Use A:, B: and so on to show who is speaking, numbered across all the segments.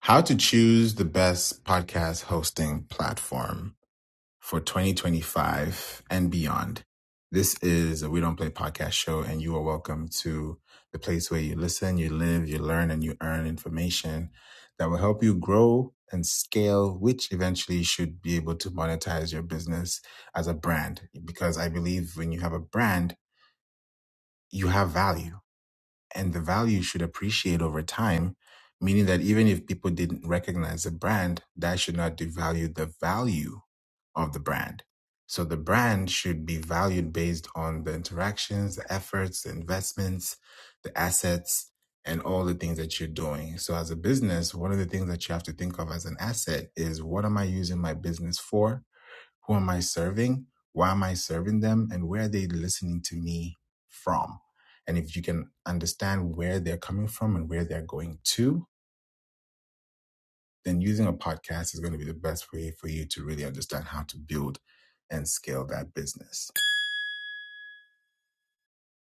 A: How to choose the best podcast hosting platform for 2025 and beyond. This is a We Don't Play podcast show, and you are welcome to the place where you listen, you live, you learn, and you earn information that will help you grow and scale, which eventually should be able to monetize your business as a brand. Because I believe when you have a brand, you have value and the value should appreciate over time, meaning that even if people didn't recognize the brand, that should not devalue the value of the brand. So the brand should be valued based on the interactions, the efforts, the investments, the assets, and all the things that you're doing. So as a business, one of the things that you have to think of as an asset is what am I using my business for? Who am I serving? Why am I serving them? And where are they listening to me from? And if you can understand where they're coming from and where they're going to, then using a podcast is going to be the best way for you to really understand how to build and scale that business.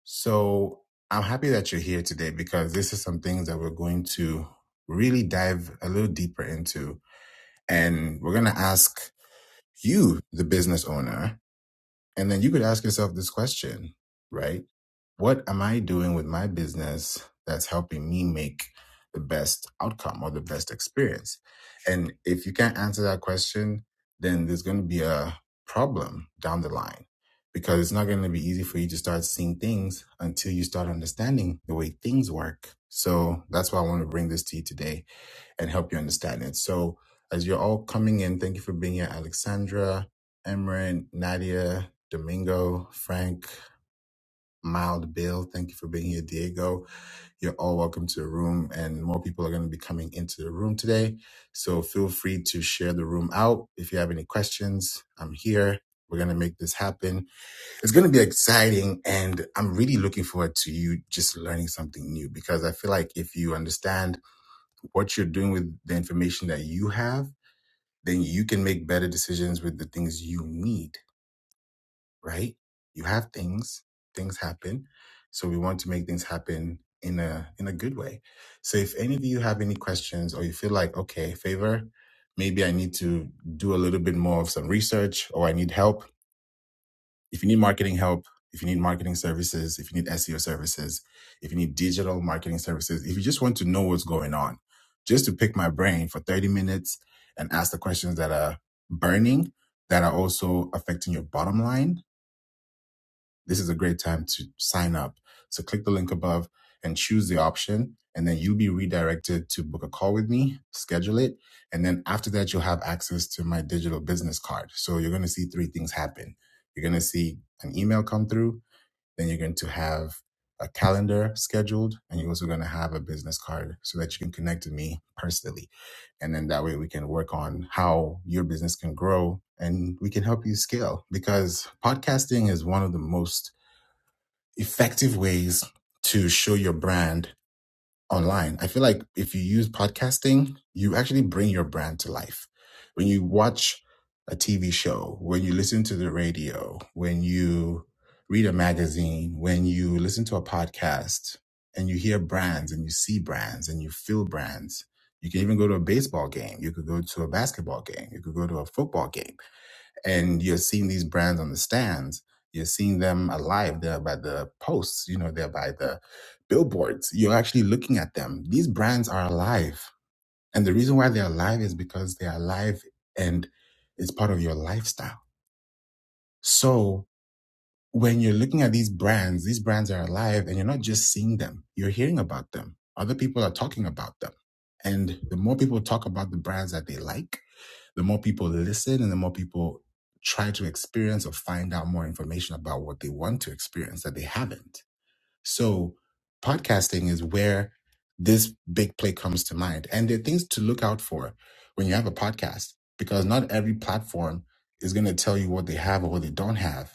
A: So I'm happy that you're here today because this is some things that we're going to really dive a little deeper into. And we're going to ask you, the business owner, And then you could ask yourself this question, right? What am I doing with my business that's helping me make the best outcome or the best experience? And if you can't answer that question, then there's going to be a problem down the line because it's not going to be easy for you to start seeing things until you start understanding the way things work. So that's why I want to bring this to you today and help you understand it. So as you're all coming in, thank you for being here, Alexandra, Emran, Nadia, Domingo, Frank, Mild Bill. Thank you for being here, Diego. You're all welcome to the room, and more people are going to be coming into the room today. So feel free to share the room out. If you have any questions, I'm here. We're going to make this happen. It's going to be exciting. And I'm really looking forward to you just learning something new because I feel like if you understand what you're doing with the information that you have, then you can make better decisions with the things you need, right? You have things, things happen. So we want to make things happen in a in a good way. So if any of you have any questions or you feel like, okay, favor, maybe I need to do a little bit more of some research or I need help, if you need marketing help, if you need marketing services, if you need SEO services, if you need digital marketing services, if you just want to know what's going on, just to pick my brain for 30 minutes and ask the questions that are burning, that are also affecting your bottom line this is a great time to sign up. So click the link above and choose the option. And then you'll be redirected to book a call with me, schedule it. And then after that, you'll have access to my digital business card. So you're going to see three things happen. You're going to see an email come through. Then you're going to have a calendar scheduled. And you're also going to have a business card so that you can connect to me personally. And then that way we can work on how your business can grow and we can help you scale because podcasting is one of the most effective ways to show your brand online. I feel like if you use podcasting, you actually bring your brand to life. When you watch a TV show, when you listen to the radio, when you read a magazine, when you listen to a podcast and you hear brands and you see brands and you feel brands, you can even go to a baseball game. You could go to a basketball game. You could go to a football game and you're seeing these brands on the stands you're seeing them alive they're by the posts you know they're by the billboards you're actually looking at them these brands are alive and the reason why they're alive is because they're alive and it's part of your lifestyle so when you're looking at these brands, these brands are alive and you're not just seeing them, you're hearing about them. Other people are talking about them. And the more people talk about the brands that they like, the more people listen and the more people try to experience or find out more information about what they want to experience that they haven't. So, podcasting is where this big play comes to mind. And there are things to look out for when you have a podcast because not every platform is going to tell you what they have or what they don't have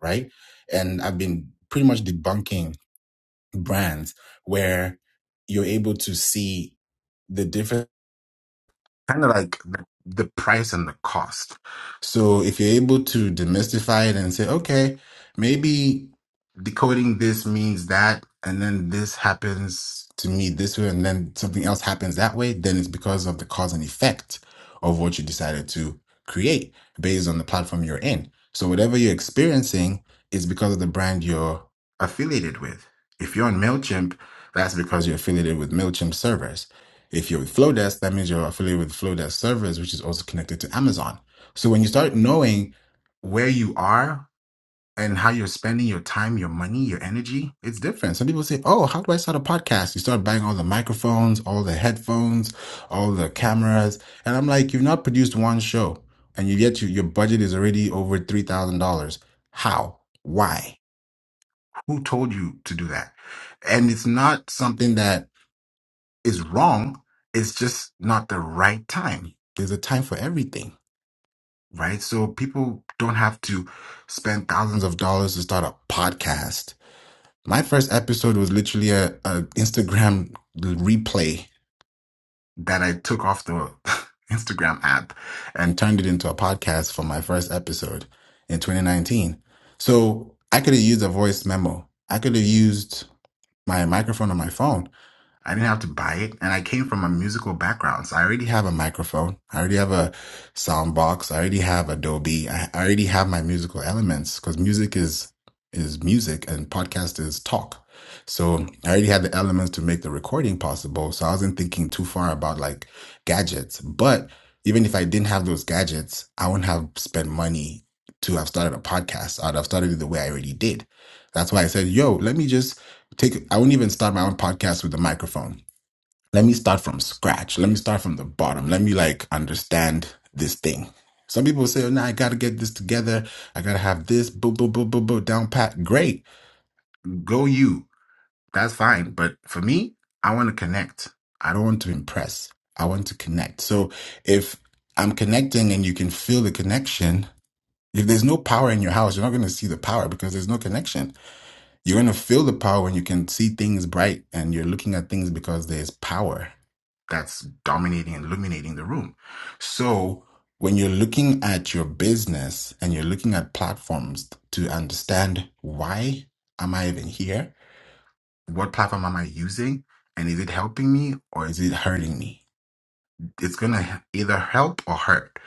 A: right? And I've been pretty much debunking brands where you're able to see the difference kind of like the, the price and the cost. So if you're able to demystify it and say, okay, maybe decoding this means that, and then this happens to me this way, and then something else happens that way, then it's because of the cause and effect of what you decided to create based on the platform you're in. So whatever you're experiencing is because of the brand you're affiliated with. If you're on MailChimp, that's because you're affiliated with MailChimp servers if you're with Flowdesk, that means you're affiliated with Flowdesk servers, which is also connected to Amazon. So when you start knowing where you are and how you're spending your time, your money, your energy, it's different. Some people say, Oh, how do I start a podcast? You start buying all the microphones, all the headphones, all the cameras. And I'm like, You've not produced one show and you yet you, your budget is already over $3,000. How? Why? Who told you to do that? And it's not something that is wrong. It's just not the right time. There's a time for everything, right? So people don't have to spend thousands of dollars to start a podcast. My first episode was literally a, a Instagram replay that I took off the Instagram app and turned it into a podcast for my first episode in 2019. So I could have used a voice memo. I could have used my microphone on my phone I didn't have to buy it. And I came from a musical background. So I already have a microphone. I already have a sound box. I already have Adobe. I I already have my musical elements because music is, is music and podcast is talk. So I already had the elements to make the recording possible. So I wasn't thinking too far about like gadgets. But even if I didn't have those gadgets, I wouldn't have spent money to have started a podcast. I'd have started it the way I already did. That's why I said, yo, let me just take I wouldn't even start my own podcast with a microphone. Let me start from scratch. Let me start from the bottom. Let me like understand this thing. Some people say, oh, no, I gotta get this together. I gotta have this boo boo boo boo boo down pat. Great. Go you. That's fine. But for me, I want to connect. I don't want to impress. I want to connect. So if I'm connecting and you can feel the connection, if there's no power in your house, you're not gonna see the power because there's no connection you're gonna feel the power and you can see things bright and you're looking at things because there's power that's dominating and illuminating the room. So when you're looking at your business and you're looking at platforms to understand why am I even here? What platform am I using? And is it helping me or is it hurting me? it's going to either help or hurt.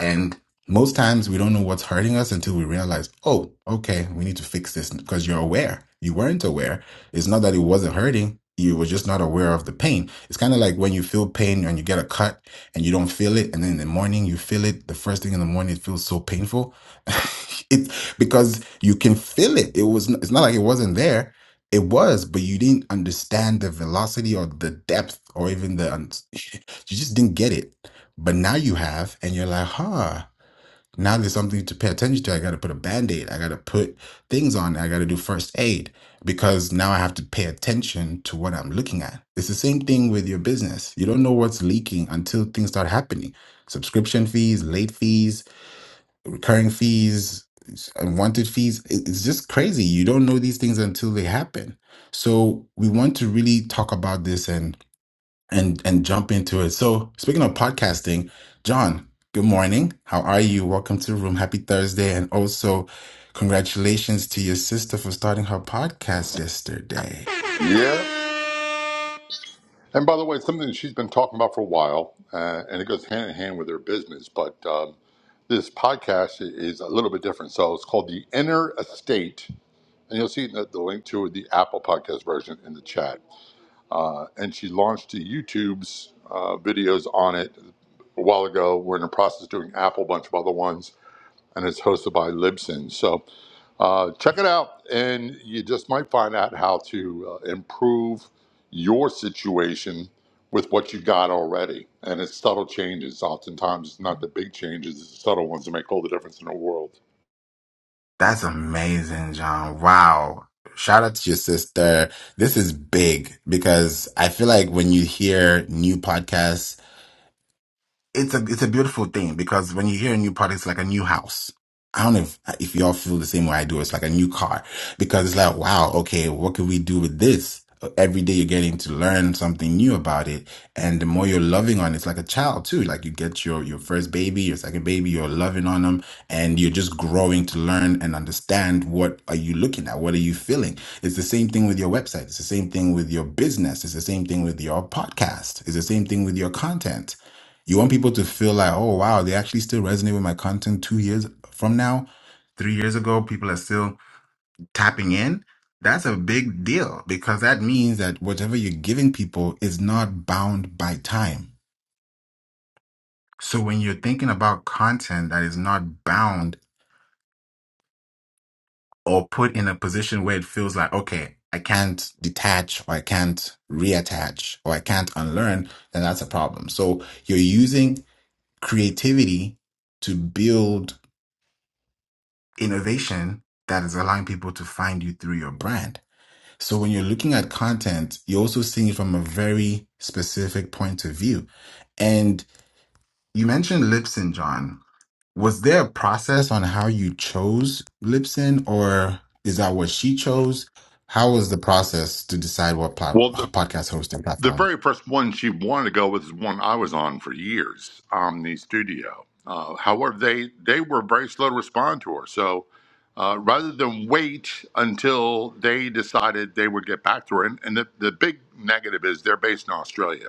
A: And most times we don't know what's hurting us until we realize, oh, okay, we need to fix this because you're aware. You weren't aware. It's not that it wasn't hurting. You were just not aware of the pain. It's kind of like when you feel pain and you get a cut and you don't feel it. And then in the morning you feel it. The first thing in the morning, it feels so painful. it's because you can feel it. It was, it's not like it wasn't there it was, but you didn't understand the velocity or the depth or even the, un- you just didn't get it. But now you have, and you're like, huh, now there's something to pay attention to. I got to put a band aid. I got to put things on. I got to do first aid because now I have to pay attention to what I'm looking at. It's the same thing with your business. You don't know what's leaking until things start happening. Subscription fees, late fees, recurring fees, unwanted fees. It- It's just crazy. You don't know these things until they happen. So we want to really talk about this and and and jump into it. So speaking of podcasting, John, good morning. How are you? Welcome to the room. Happy Thursday, and also congratulations to your sister for starting her podcast yesterday.
B: Yeah. And by the way, something that she's been talking about for a while, uh, and it goes hand in hand with her business, but um, this podcast i- is a little bit different. So it's called The Inner Estate. And you'll see the, the link to the Apple podcast version in the chat. Uh, and she launched the YouTube's uh, videos on it a while ago. We're in the process of doing Apple, a bunch of other ones and it's hosted by Libsyn. So uh, check it out, and you just might find out how to uh, improve your situation with what you got already. And it's subtle changes. Oftentimes, it's not the big changes; it's the subtle ones that make all the difference in the world.
A: That's amazing, John. Wow. Shout out to your sister. This is big because I feel like when you hear new podcasts it's a it's a beautiful thing because when you hear a new product, it's like a new house. I don't know if, if y'all feel the same way I do. It's like a new car because it's like, wow, okay, what can we do with this? Every day you're getting to learn something new about it. And the more you're loving on it, it's like a child too. Like you get your, your first baby, your second baby, you're loving on them and you're just growing to learn and understand what are you looking at? What are you feeling? It's the same thing with your website. It's the same thing with your business. It's the same thing with your podcast. It's the same thing with your content you want people to feel like, oh wow, they actually still resonate with my content two years from now, three years ago, people are still tapping in. That's a big deal because that means that whatever you're giving people is not bound by time. So when you're thinking about content that is not bound or put in a position where it feels like, okay, I can't detach or I can't reattach or I can't unlearn, then that's a problem. So you're using creativity to build innovation that is allowing people to find you through your brand. So when you're looking at content, you're also seeing it from a very specific point of view. And you mentioned Lipson, John. Was there a process on how you chose Lipson, or is that what she chose? How was the process to decide what plat-
B: Well, the
A: podcast hosting
B: The
A: platform?
B: very first one she wanted to go with is one I was on for years, Omni Studio. Uh, however, they they were very slow to respond to her. So uh, rather than wait until they decided they would get back to her, and, and the, the big negative is they're based in Australia,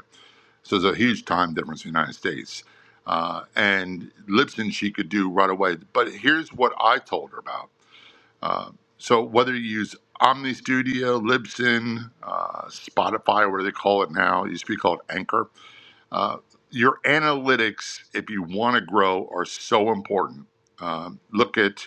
B: so there's a huge time difference in the United States. Uh, and Libsyn she could do right away. But here's what I told her about. Uh, so whether you use Omni Studio, Libsyn, uh, Spotify, whatever they call it now, it used to be called Anchor, uh, your analytics, if you want to grow, are so important. Um, look at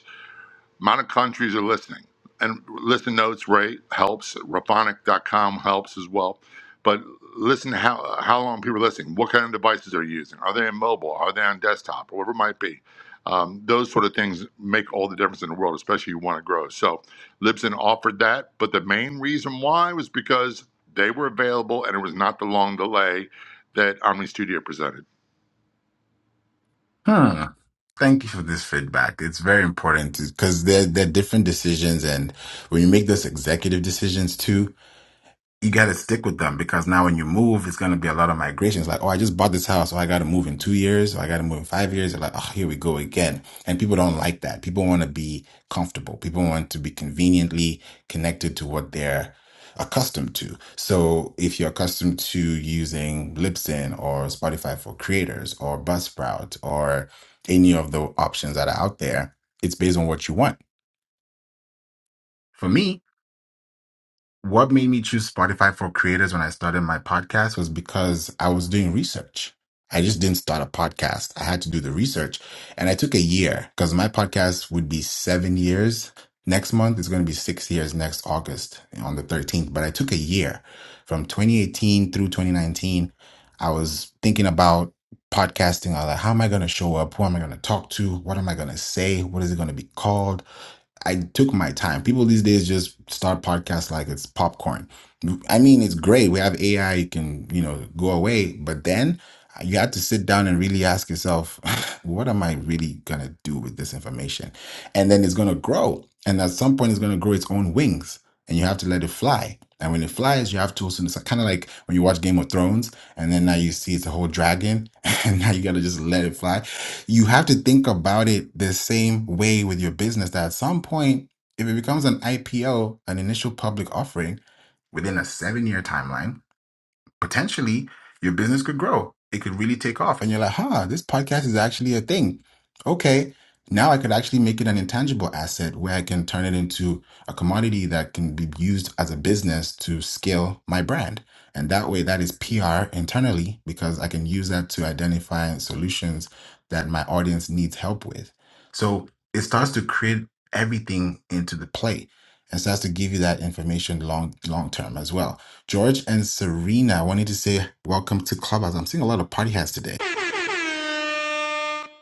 B: amount of countries are listening. And listen notes, Ray helps. Raphonic.com helps as well. But listen how how long people are listening. What kind of devices are you using? Are they on mobile? Are they on desktop? Whatever it might be. Um, those sort of things make all the difference in the world, especially you want to grow. So Libsyn offered that, but the main reason why was because they were available and it was not the long delay that Omni Studio presented.
A: Hmm. Thank you for this feedback. It's very important because there, there are different decisions. And when you make those executive decisions too, you got to stick with them because now when you move, it's going to be a lot of migrations. Like, oh, I just bought this house. Oh, I got to move in two years. Oh, I got to move in five years. They're like, oh, here we go again. And people don't like that. People want to be comfortable. People want to be conveniently connected to what they're accustomed to. So if you're accustomed to using Libsyn or Spotify for creators or Buzzsprout or any of the options that are out there, it's based on what you want. For me, what made me choose Spotify for creators when I started my podcast was because I was doing research. I just didn't start a podcast. I had to do the research and I took a year because my podcast would be seven years. Next month It's going to be six years next August on the 13th, but I took a year from 2018 through 2019. I was thinking about podcasting. I was like, how am I going to show up? Who am I going to talk to? What am I going to say? What is it going to be called? I took my time. People these days just start podcasts like it's popcorn. I mean, it's great. We have AI, it can, you know, go away. But then you have to sit down and really ask yourself, what am I really going to do with this information? And then it's going to grow. And at some point, it's going to grow its own wings and you have to let it fly. And when it flies, you have to also, it's kind of like when you watch Game of Thrones and then now you see it's a whole dragon and now you got to just let it fly you have to think about it the same way with your business that at some point if it becomes an ipo an initial public offering within a seven year timeline potentially your business could grow. It could really take off. And you're like, huh, this podcast is actually a thing. Okay. Now I could actually make it an intangible asset where I can turn it into a commodity that can be used as a business to scale my brand. And that way, that is PR internally because I can use that to identify solutions that my audience needs help with. So it starts to create everything into the play and starts to give you that information long long term as well. George and Serena, I wanted to say welcome to Clubhouse. I'm seeing a lot of party hats today.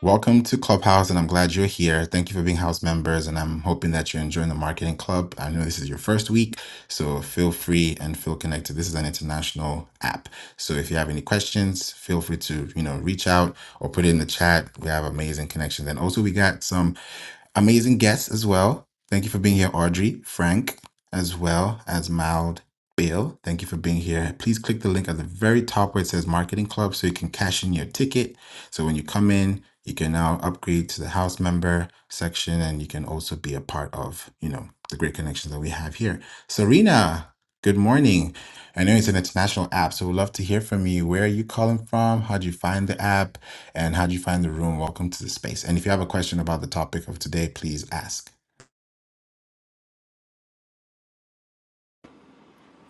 A: Welcome to Clubhouse, and I'm glad you're here. Thank you for being house members, and I'm hoping that you're enjoying the marketing club. I know this is your first week, so feel free and feel connected. This is an international app, so if you have any questions, feel free to you know reach out or put it in the chat. We have amazing connections, and also we got some Amazing guests as well. Thank you for being here, Audrey, Frank, as well as Mild Bill. Thank you for being here. Please click the link at the very top where it says Marketing Club so you can cash in your ticket. So when you come in, you can now upgrade to the house member section and you can also be a part of, you know, the great connections that we have here. Serena, good morning. I know it's an international app, so we'd love to hear from you. Where are you calling from? How'd you find the app? And how'd you find the room? Welcome to the space. And if you have a question about the topic of today, please ask.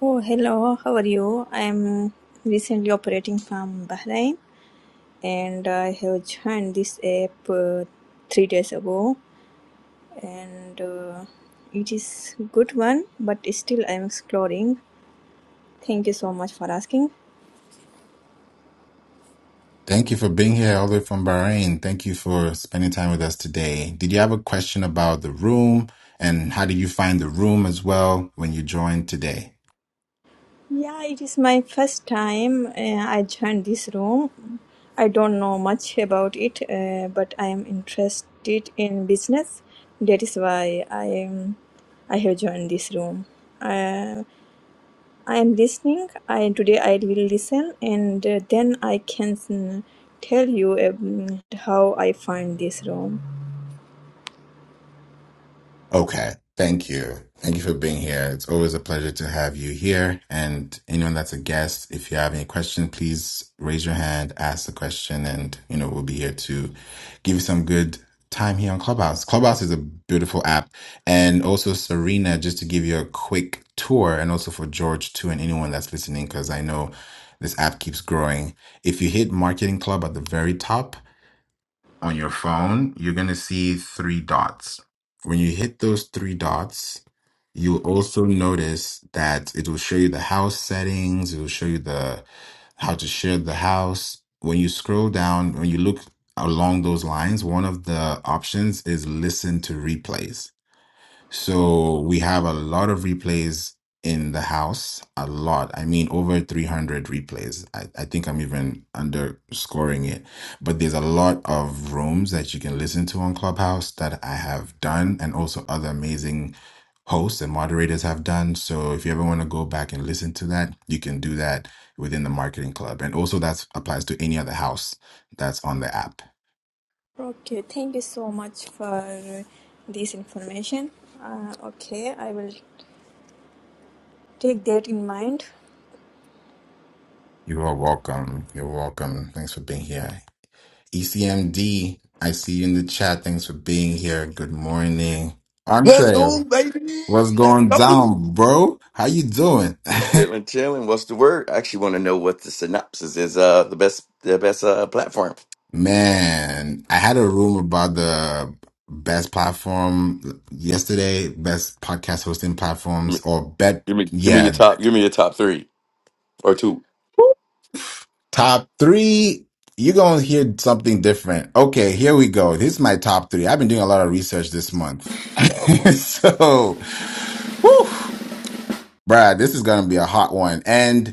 C: Oh, hello, how are you? I'm recently operating from Bahrain and I have joined this app uh, three days ago and uh, it is good one but still I'm exploring. Thank you so much for asking.
A: Thank you for being here all the way from Bahrain. Thank you for spending time with us today. Did you have a question about the room? And how did you find the room as well when you joined today?
C: Yeah, it is my first time uh, I joined this room. I don't know much about it uh, but I am interested in business. That is why I am I have joined this room. Uh, I am listening. I today I will listen, and uh, then I can mm, tell you um, how I find this room.
A: Okay. Thank you. Thank you for being here. It's always a pleasure to have you here. And anyone that's a guest, if you have any question, please raise your hand, ask the question, and you know, we'll be here to give you some good time here on Clubhouse. Clubhouse is a beautiful app. And also Serena, just to give you a quick tour, and also for George too, and anyone that's listening, because I know this app keeps growing. If you hit marketing club at the very top, on your phone, you're going to see three dots. When you hit those three dots, you'll also notice that it will show you the house settings, it will show you the how to share the house. When you scroll down, when you look along those lines, one of the options is listen to replays. So we have a lot of replays in the house, a lot. I mean, over 300 replays. I, I think I'm even underscoring it. But there's a lot of rooms that you can listen to on Clubhouse that I have done, and also other amazing hosts and moderators have done. So if you ever want to go back and listen to that, you can do that within the marketing club. And also that applies to any other house that's on the app.
C: Okay, thank you so much for this information. Uh, okay, I will take that in mind.
A: You are welcome. You're welcome. Thanks for being here. ECMD, I see you in the chat. Thanks for being here. Good morning.
D: Let's
A: Andre,
D: go, baby.
A: what's
D: Let's
A: going
D: go.
A: down, bro? How you doing?
D: Chilling, chilling. What's the word? I actually want to know what the synopsis is. Uh, the best, the best uh platform.
A: Man, I had a room about the best platform yesterday, best podcast hosting platforms
D: Give me,
A: or bet.
D: give me, give me your
A: Yeah,
D: top. Give me your top three or two.
A: top three. You're going to hear something different. Okay, here we go. This is my top three. I've been doing a lot of research this month. so, bruh, this is going to be a hot one. and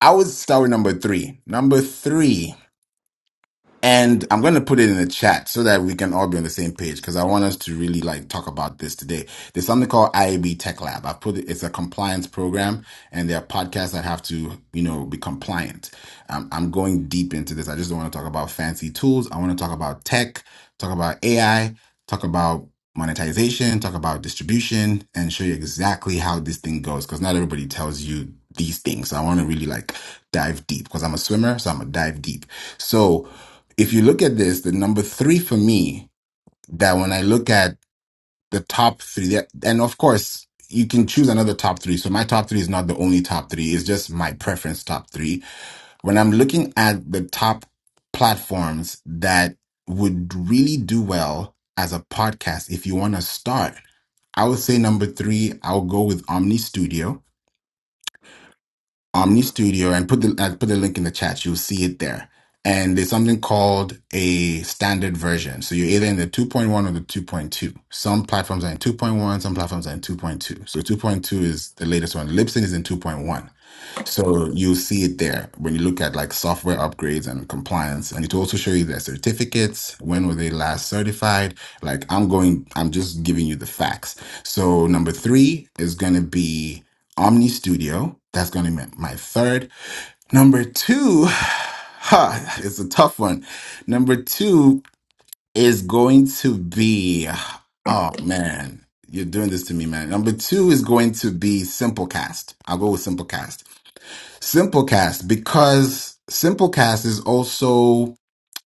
A: I would start with number three. Number three. And I'm going to put it in the chat so that we can all be on the same page because I want us to really like talk about this today. There's something called IAB Tech Lab. I put it, it's a compliance program and there are podcasts that have to, you know, be compliant. Um, I'm going deep into this. I just don't want to talk about fancy tools. I want to talk about tech, talk about AI, talk about monetization, talk about distribution and show you exactly how this thing goes because not everybody tells you these things. So I want to really like dive deep because I'm a swimmer. So I'm going to dive deep. So, if you look at this, the number three for me, that when I look at the top three, that, and of course, you can choose another top three. So my top three is not the only top three. It's just my preference top three. When I'm looking at the top platforms that would really do well as a podcast, if you want to start, I would say number three, I'll go with Omni Studio. Omni Studio and put the I put the link in the chat. You'll see it there. And there's something called a standard version. So you're either in the 2.1 or the 2.2. Some platforms are in 2.1, some platforms are in 2.2. So 2.2 is the latest one. Libsyn is in 2.1. So you'll see it there when you look at like software upgrades and compliance, and it will also show you their certificates. When were they last certified? Like I'm going, I'm just giving you the facts. So number three is going to be Omni Studio. That's going to be my my third. Number two, ha, it's a tough one. Number two is going to be, oh man, you're doing this to me, man. Number two is going to be Simplecast. I'll go with Simplecast. Simplecast because Simplecast is also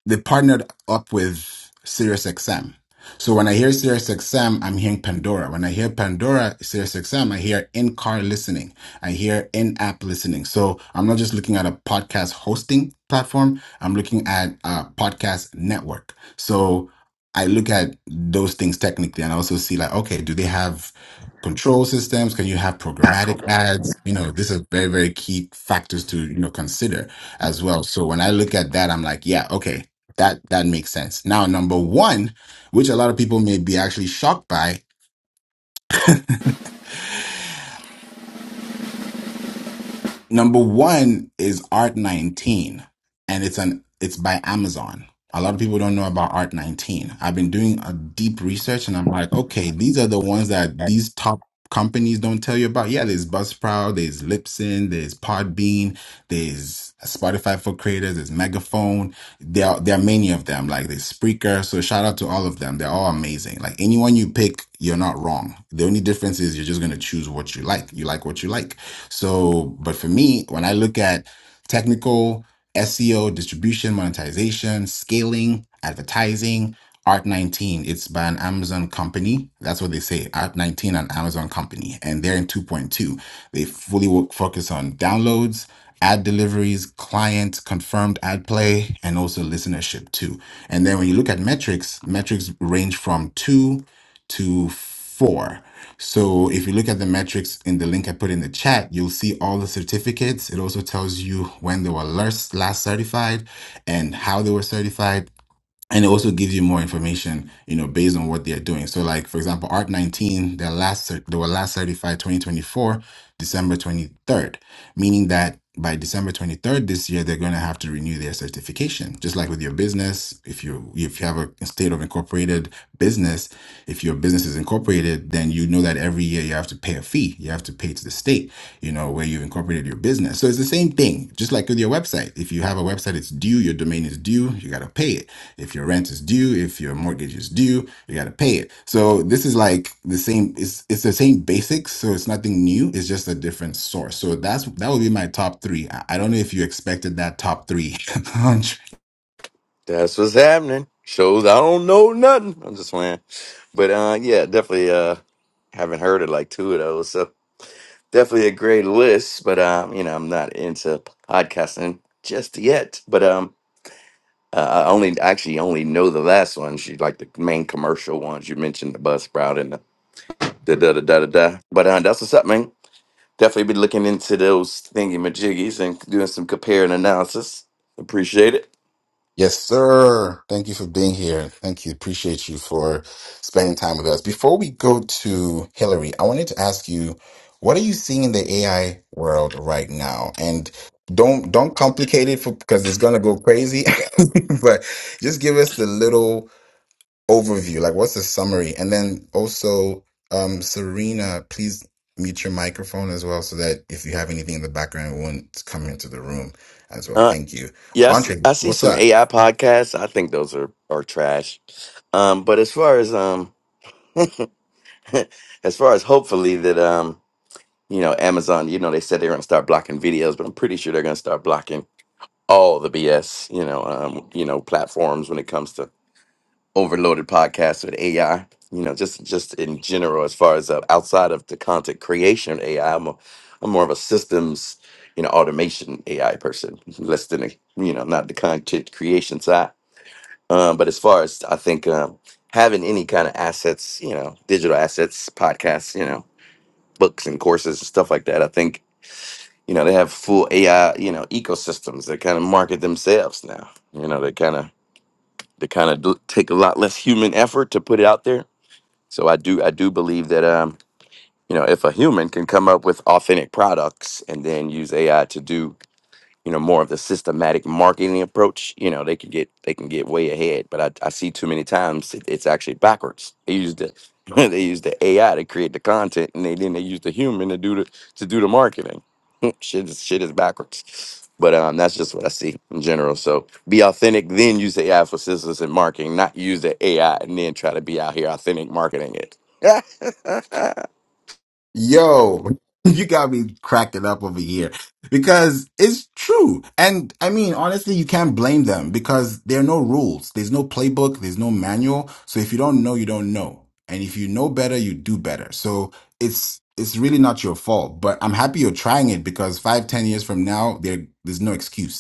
A: they partnered up with SiriusXM. So when I hear SiriusXM, I'm hearing Pandora. When I hear Pandora, SiriusXM, I hear in-car listening. I hear in-app listening. So I'm not just looking at a podcast hosting platform. I'm looking at a podcast network. So I look at those things technically and I also see like, okay, do they have control systems? Can you have programmatic ads? You know, these are very, very key factors to, you know, consider as well. So when I look at that, I'm like, yeah, okay that that makes sense. Now, number one, which a lot of people may be actually shocked by, Number one is Art 19, and it's an it's by Amazon. A lot of people don't know about Art 19. I've been doing a deep research, and I'm like, okay, these are the ones that these top companies don't tell you about. Yeah, there's Buzzsprout, there's Libsyn, there's Podbean, there's Spotify for Creators, there's Megaphone. There are, there are many of them. Like there's Spreaker. So shout out to all of them. They're all amazing. Like anyone you pick, you're not wrong. The only difference is you're just gonna choose what you like. You like what you like. So, but for me, when I look at technical, SEO, distribution, monetization, scaling, advertising, Art19, it's by an Amazon company. That's what they say, Art19 an Amazon company. And they're in 2.2. They fully wo- focus on downloads, ad deliveries, client confirmed ad play, and also listenership too. And then when you look at metrics, metrics range from two to four. So if you look at the metrics in the link I put in the chat, you'll see all the certificates. It also tells you when they were last, last certified and how they were certified and it also gives you more information you know based on what they're doing so like for example art 19 their last cer- they were last certified 2024 december 23rd meaning that by december 23rd this year they're going to have to renew their certification just like with your business if you if you have a state of incorporated business if your business is incorporated then you know that every year you have to pay a fee you have to pay to the state you know where you've incorporated your business so it's the same thing just like with your website if you have a website it's due your domain is due you got to pay it if your rent is due, if your mortgage is due, you got to pay it. So this is like the same. It's it's the same basics. So it's nothing new. It's just a different source. So that's that would be my top three. I, I don't know if you expected that top three hundred
D: That's what's happening. Shows I don't know nothing. I'm just playing, but uh, yeah, definitely uh, haven't heard of like two of those. So definitely a great list. But um, you know, I'm not into podcasting just yet. But um, Uh, I only actually only know the last one. She like the main commercial ones. You mentioned the bus sprout and the da da da da da. da. But uh, that's what's up, man. Definitely be looking into those thingy majiggies and doing some compare and analysis. Appreciate it.
A: Yes, sir. Thank you for being here. Thank you. Appreciate you for spending time with us. Before we go to Hillary, I wanted to ask you, what are you seeing in the AI world right now? And don't don't complicate it for because it's gonna go crazy. but just give us the little overview, like what's the summary? And then also, um, Serena, please mute your microphone as well, so that if you have anything in the background, it won't come into the room as well.
D: Uh,
A: Thank you.
D: yeah, I see,
A: Andre,
D: I see
A: what's
D: some
A: up?
D: AI podcasts. I think those are are trash. Um, but as far as um, as far as hopefully that um, you know, Amazon, you know, they said they're gonna start blocking videos, but I'm pretty sure they're gonna start blocking all the BS, you know, um, you know, platforms when it comes to overloaded podcasts with AI. You know, just just in general, as far as uh, outside of the content creation of AI, I'm a, I'm more of a systems, you know, automation AI person, less than a, you know, not the content creation side. Um, but as far as I think um, having any kind of assets, you know, digital assets, podcasts, you know, books and courses and stuff like that, I think you know, they have full AI, you know, ecosystems that kind of market themselves now. You know, they kind of they kind of do, take a lot less human effort to put it out there. So I do I do believe that um, you know, if a human can come up with authentic products and then use AI to do you know more of the systematic marketing approach you know they can get they can get way ahead but i, I see too many times it, it's actually backwards they use the they use the ai to create the content and they then they use the human to do the to do the marketing shit is shit is backwards but um that's just what i see in general so be authentic then use the ai for assistance in marketing not use the ai and then try to be out here authentic marketing it that
A: Yo, you got me cracking up over here because it's true. And I mean, honestly, you can't blame them because there are no rules. There's no playbook. There's no manual. So if you don't know, you don't know. And if you know better, you do better. So it's, it's really not your fault, but I'm happy you're trying it because five, ten years from now, there, there's no excuse.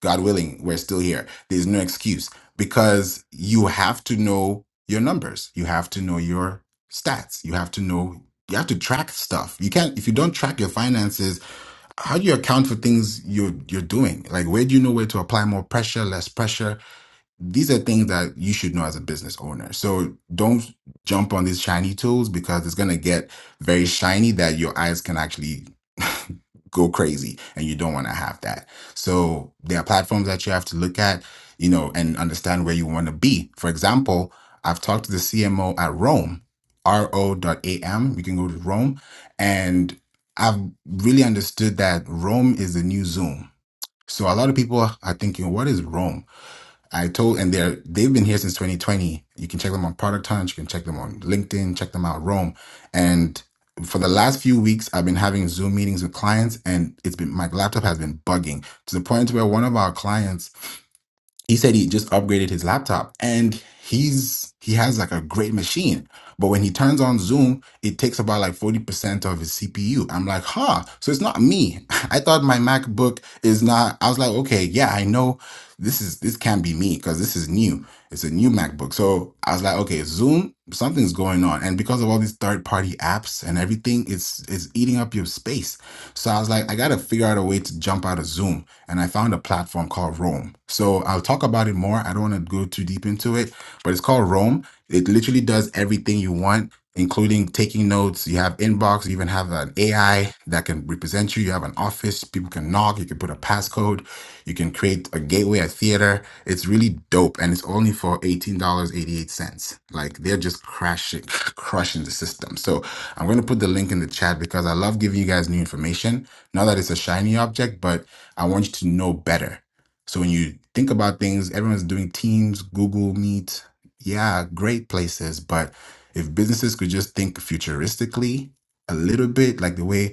A: God willing, we're still here. There's no excuse because you have to know your numbers. You have to know your stats. You have to know, you have to track stuff. You can't, if you don't track your finances, how do you account for things you're, you're doing? Like, where do you know where to apply more pressure, less pressure? These are things that you should know as a business owner. So don't jump on these shiny tools because it's going to get very shiny that your eyes can actually go crazy and you don't want to have that. So there are platforms that you have to look at, you know, and understand where you want to be. For example, I've talked to the CMO at Rome, R O dot A M. You can go to Rome. And I've really understood that Rome is the new Zoom. So a lot of people are thinking, what is Rome? I told, and they're they've been here since 2020. You can check them on Product Hunt, you can check them on LinkedIn, check them out Rome. And for the last few weeks, I've been having Zoom meetings with clients, and it's been my laptop has been bugging to the point where one of our clients he said he just upgraded his laptop and he's he has like a great machine but when he turns on zoom it takes about like 40% of his cpu i'm like huh so it's not me i thought my macbook is not i was like okay yeah i know this is this can't be me because this is new it's a new macbook so i was like okay zoom something's going on and because of all these third party apps and everything it's it's eating up your space so i was like i gotta figure out a way to jump out of zoom and I found a platform called Roam. So I'll talk about it more. I don't want to go too deep into it, but it's called Roam. It literally does everything you want, including taking notes. You have inbox, you even have an AI that can represent you. You have an office, people can knock, you can put a passcode, you can create a gateway, a theater. It's really dope, and it's only for $18.88. Like they're just crashing, crushing the system. So I'm going to put the link in the chat because I love giving you guys new information. Not that it's a shiny object, but I want you to know better. So when you think about things, everyone's doing Teams, Google Meet. Yeah, great places. But if businesses could just think futuristically a little bit, like the way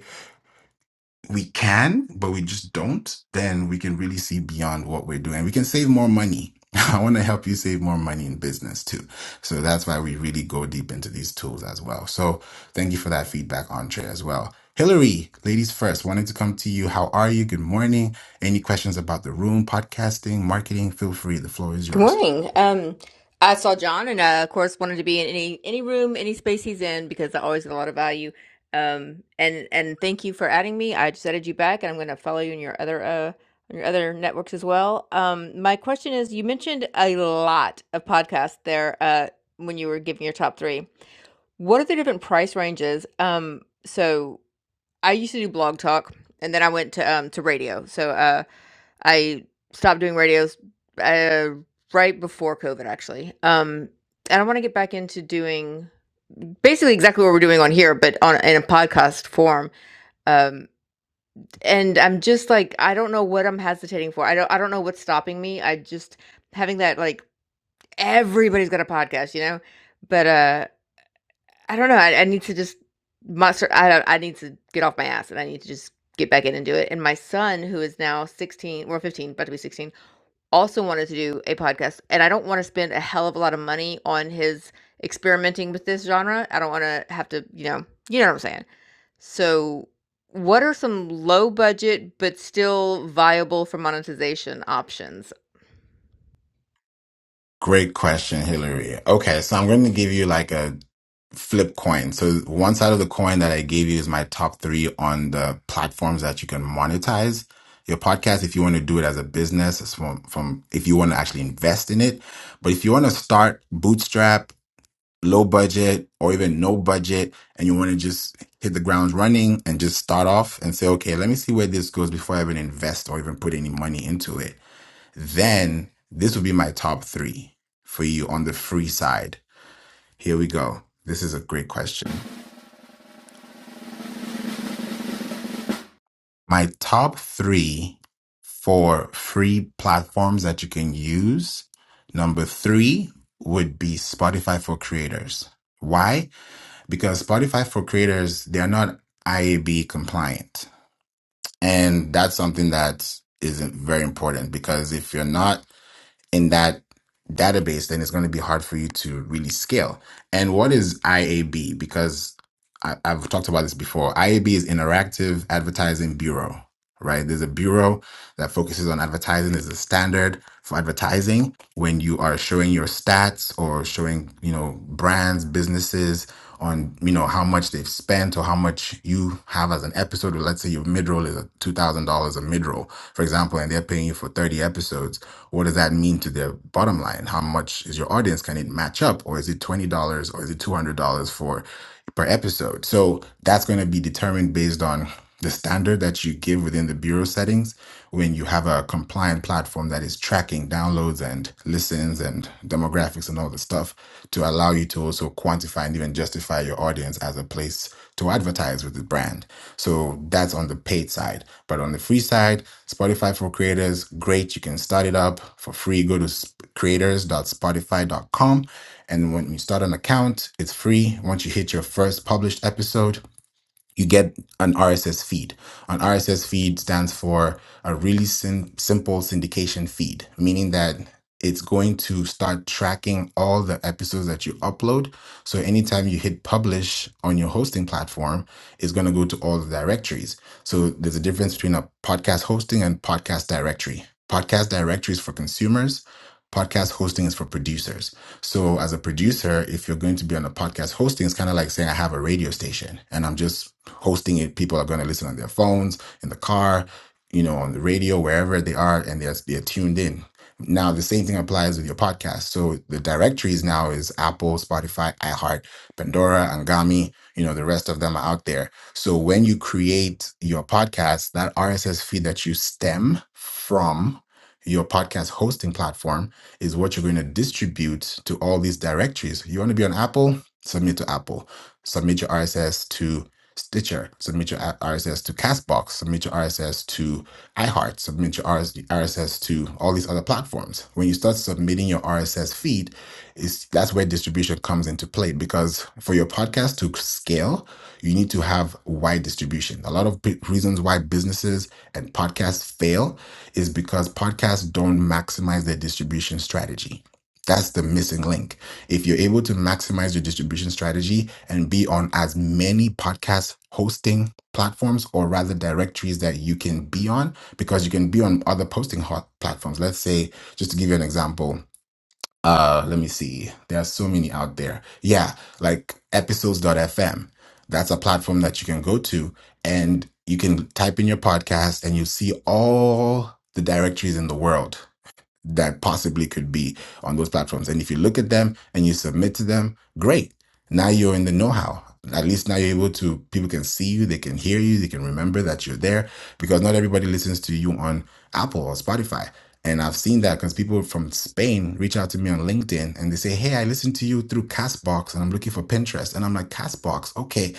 A: we can, but we just don't, then we can really see beyond what we're doing. We can save more money. I want to help you save more money in business too. So that's why we really go deep into these tools as well. So thank you for that feedback, Andre, as well. Hillary, ladies first, wanted to come to you. How are you? Good morning. Any questions about the room, podcasting, marketing? Feel free. The floor is
E: Good
A: yours.
E: morning. Um, I saw John, and uh, of course, wanted to be in any any room, any space he's in because I always get a lot of value. Um, and and thank you for adding me. I just added you back, and I'm going to follow you in your other uh on your other networks as well. Um, my question is, you mentioned a lot of podcasts there. Uh, when you were giving your top three, what are the different price ranges? Um, so I used to do Blog Talk, and then I went to um to radio. So uh. I stopped doing radios, uh, right before COVID actually. Um, and I want to get back into doing basically exactly what we're doing on here, but on in a podcast form. Um, and I'm just like, I don't know what I'm hesitating for. I don't, I don't know what's stopping me. I just having that like everybody's got a podcast, you know. But uh, I don't know. I, I need to just muster. I don't. I need to get off my ass, and I need to just get back in and do it. And my son, who is now 16, well 15, about to be 16, also wanted to do a podcast and I don't want to spend a hell of a lot of money on his experimenting with this genre. I don't want to have to, you know, you know what I'm saying. So, what are some low budget but still viable for monetization options?
A: Great question, Hillary. Okay, so I'm going to give you like a flip coin. So one side of the coin that I gave you is my top three on the platforms that you can monetize your podcast if you want to do it as a business. it's From, from if you want to actually invest in it, but if you want to start bootstrap, low budget, or even no budget, and you want to just hit the ground running and just start off and say, okay, let me see where this goes before I even invest or even put any money into it then this would be my top three for you on the free side. Here we go. This is a great question. My top three for free platforms that you can use. Number three would be Spotify for creators. Why? Because Spotify for creators, they're not IAB compliant. And that's something that is very important because if you're not in that database, then it's going to be hard for you to really scale. And what is IAB? Because I, I've talked about this before. IAB is Interactive Advertising Bureau, right? There's a bureau that focuses on advertising. There's a standard for advertising when you are showing your stats or showing, you know, brands, businesses on you know how much they've spent or how much you have as an episode. Let's say your mid roll is a two thousand dollars a mid roll, for example, and they're paying you for thirty episodes. What does that mean to their bottom line? How much is your audience? Can it match up, or is it twenty dollars, or is it two hundred dollars for per episode? So that's going to be determined based on the standard that you give within the bureau settings when you have a compliant platform that is tracking downloads and listens and demographics and all the stuff to allow you to also quantify and even justify your audience as a place to advertise with the brand. So that's on the paid side. But on the free side, Spotify for creators, great. You can start it up for free. Go to sp- creators.spotify.com. And when you start an account, it's free. Once you hit your first published episode, you get an RSS feed. An RSS feed stands for a really sim- simple syndication feed, meaning that it's going to start tracking all the episodes that you upload. So anytime you hit publish on your hosting platform, it's going to go to all the directories. So there's a difference between a podcast hosting and podcast directory. Podcast directories for consumers podcast hosting is for producers. So as a producer, if you're going to be on a podcast hosting, it's kind of like saying I have a radio station and I'm just hosting it. People are going to listen on their phones, in the car, you know, on the radio, wherever they are, and they're, they're tuned in. Now the same thing applies with your podcast. So the directories now is Apple, Spotify, iHeart, Pandora, Angami. You know, the rest of them are out there. So when you create your podcast, that RSS feed that you stem from your podcast hosting platform is what you're going to distribute to all these directories. You want to be on Apple? Submit to Apple. Submit your RSS to Stitcher. Submit your RSS to Castbox. Submit your RSS to iHeart. Submit your RSS to all these other platforms. When you start submitting your RSS feed, is that's where distribution comes into play because for your podcast to scale, you need to have wide distribution. A lot of reasons why businesses and podcasts fail is because podcasts don't maximize their distribution strategy. That's the missing link. If you're able to maximize your distribution strategy and be on as many podcast hosting platforms or rather directories that you can be on, because you can be on other posting hot platforms. Let's say, just to give you an example, uh let me see there are so many out there yeah like episodes.fm that's a platform that you can go to and you can type in your podcast and you see all the directories in the world that possibly could be on those platforms. And if you look at them and you submit to them, great. Now you're in the know how. At least now you're able to, people can see you, they can hear you, they can remember that you're there because not everybody listens to you on Apple or Spotify. And I've seen that because people from Spain reach out to me on LinkedIn and they say, Hey, I listened to you through Castbox and I'm looking for Pinterest. And I'm like, Castbox, okay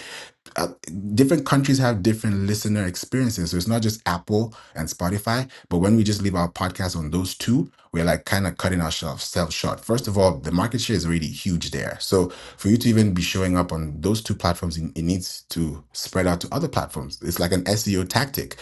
A: uh, different countries have different listener experiences. So it's not just Apple and Spotify. But when we just leave our podcast on those two, we're like kind of cutting ourselves self short. First of all, the market share is already huge there. So for you to even be showing up on those two platforms, it it needs to spread out to other platforms. It's like an SEO tactic.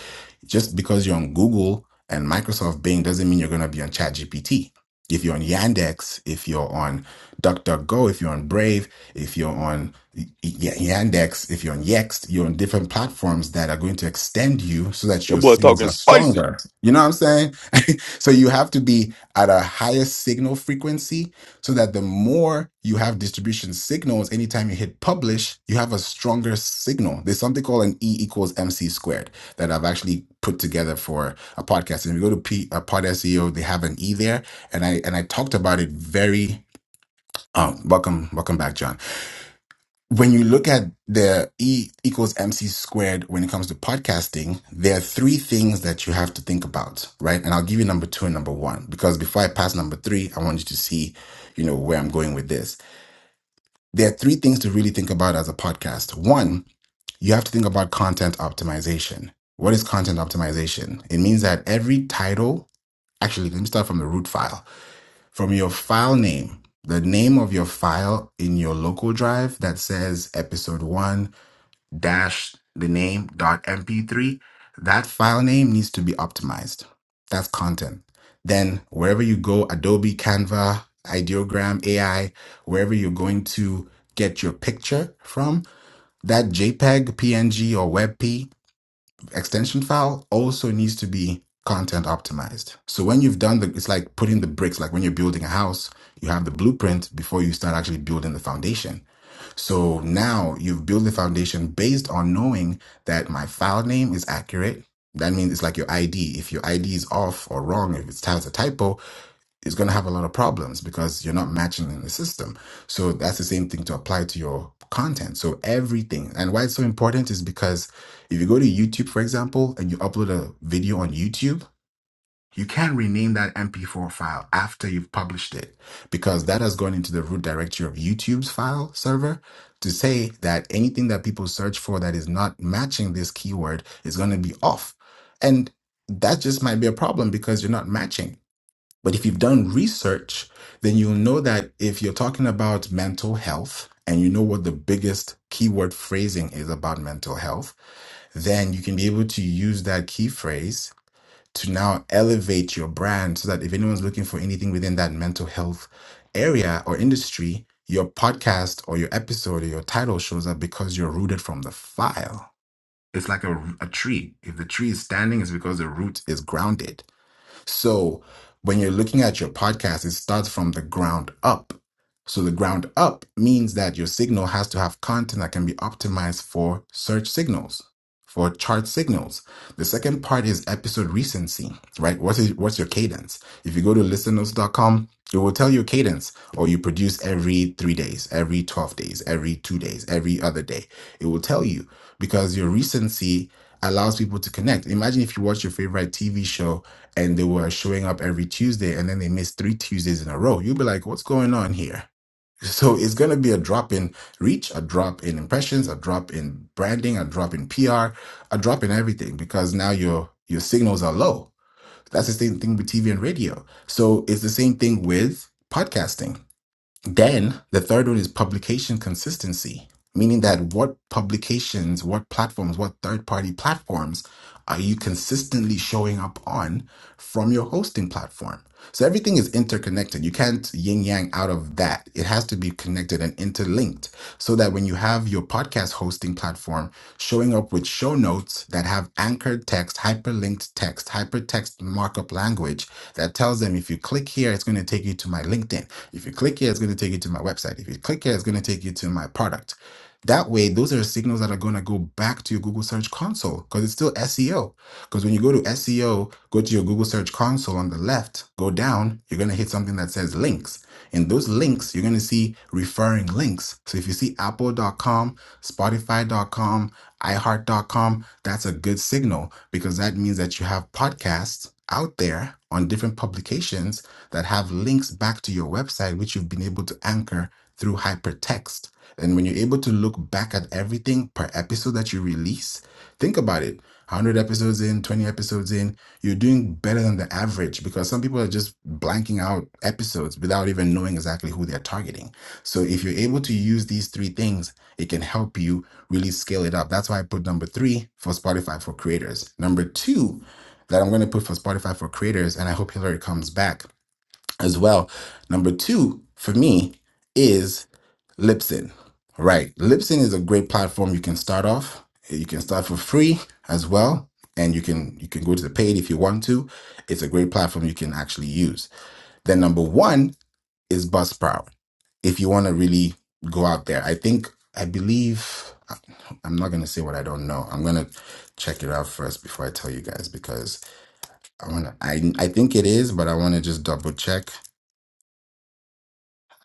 A: Just because you're on Google and Microsoft Bing doesn't mean you're going to be on ChatGPT. If you're on Yandex, if you're on DuckDuckGo, if you're on Brave, if you're on Y- Yandex, if you're on Yext, you're on different platforms that are going to extend you so that your
D: boy
A: signals
D: talking
A: are
D: spicy
A: stronger. You know what I'm saying? so you have to be at a higher signal frequency so that the more you have distribution signals, anytime you hit publish, you have a stronger signal. There's something called an E equals MC squared that I've actually put together for a podcast. And if you go to P, uh, Pod SEO, they have an E there. And I, and I talked about it very, um, welcome, welcome back, John when you look at the E equals MC squared when it comes to podcasting, there are three things that you have to think about, right? And I'll give you number two and number one, because before I pass number three, I want you to see, you know, where I'm going with this. There are three things to really think about as a podcast. One, you have to think about content optimization. What is content optimization? It means that every title, actually, let me start from the root file, from your file name, the name of your file in your local drive that says episode one, dash the name dot mp3 that file name needs to be optimized that's content then wherever you go adobe canva ideogram ai wherever you're going to get your picture from that jpeg png or webp extension file also needs to be content optimized so when you've done the it's like putting the bricks like when you're building a house you have the blueprint before you start actually building the foundation so now you've built the foundation based on knowing that my file name is accurate. That means it's like your ID. If your ID is off or wrong, if it has a typo, it's going to have a lot of problems because you're not matching in the system. So that's the same thing to apply to your content. So everything. And why it's so important is because if you go to YouTube, for example, and you upload a video on YouTube, you can not rename that MP4 file after you've published it because that has gone into the root directory of YouTube's file server to say that anything that people search for that is not matching this keyword is going to be off. And that just might be a problem because you're not matching. But if you've done research, then you'll know that if you're talking about mental health and you know what the biggest keyword phrasing is about mental health, then you can be able to use that key phrase to now elevate your brand so that if anyone's looking for anything within that mental health area or industry, your podcast or your episode or your title shows up because you're rooted from the file. It's like a, a tree. If the tree is standing, it's because the root is grounded. So when you're looking at your podcast, it starts from the ground up. So the ground up means that your signal has to have content that can be optimized for search signals, for chart signals. The second part is episode recency, right? What's it, what's your cadence? If you go to listeners.com, it will tell you cadence, or you produce every three days, every 12 days, every two days, every other day. It will tell you because your recency allows people to connect. Imagine if you watch your favorite TV show and they were showing up every Tuesday and then they missed three Tuesdays in a row, you'll be like, what's going on here? So it's going to be a drop in reach, a drop in impressions, a drop in branding, a drop in PR, a drop in everything because now your your signals are low. That's the same thing with TV and radio. So it's the same thing with podcasting then the third one is publication consistency, meaning that what publications, what platforms, what third party platforms are you consistently showing up on from your hosting platform? So everything is interconnected. You can't yin yang out of that. It has to be connected and interlinked so that when you have your podcast hosting platform showing up with show notes that have anchored text, hyperlinked text, hypertext markup language that tells them if you click here, it's going to take you to my LinkedIn. If you click here, it's going to take you to my website. If you click here, it's going to take you to my product. That way, those are signals that are going to go back to your Google Search Console because it's still SEO. Because when you go to SEO, go to your Google Search Console on the left, go down, you're going to hit something that says links. And those links, you're going to see referring links. So if you see apple.com, spotify.com, iHeart.com, that's a good signal because that means that you have podcasts out there on different publications that have links back to your website, which you've been able to anchor through hypertext. And when you're able to look back at everything per episode that you release, think about it 100 episodes in, 20 episodes in, you're doing better than the average because some people are just blanking out episodes without even knowing exactly who they're targeting. So if you're able to use these three things, it can help you really scale it up. That's why I put number three for Spotify for creators. Number two, that I'm going to put for Spotify for creators, and I hope Hillary comes back as well. Number two for me is Libsyn. Right. Libsyn is a great platform you can start off. You can start for free as well. And you can you can go to the paid if you want to. It's a great platform you can actually use. Then number one is Buzzsprout. If you want to really go out there. I think I believe I- I'm not gonna say what I don't know. I'm gonna check it out first before I tell you guys because I wanna I I think it is, but I wanna just double check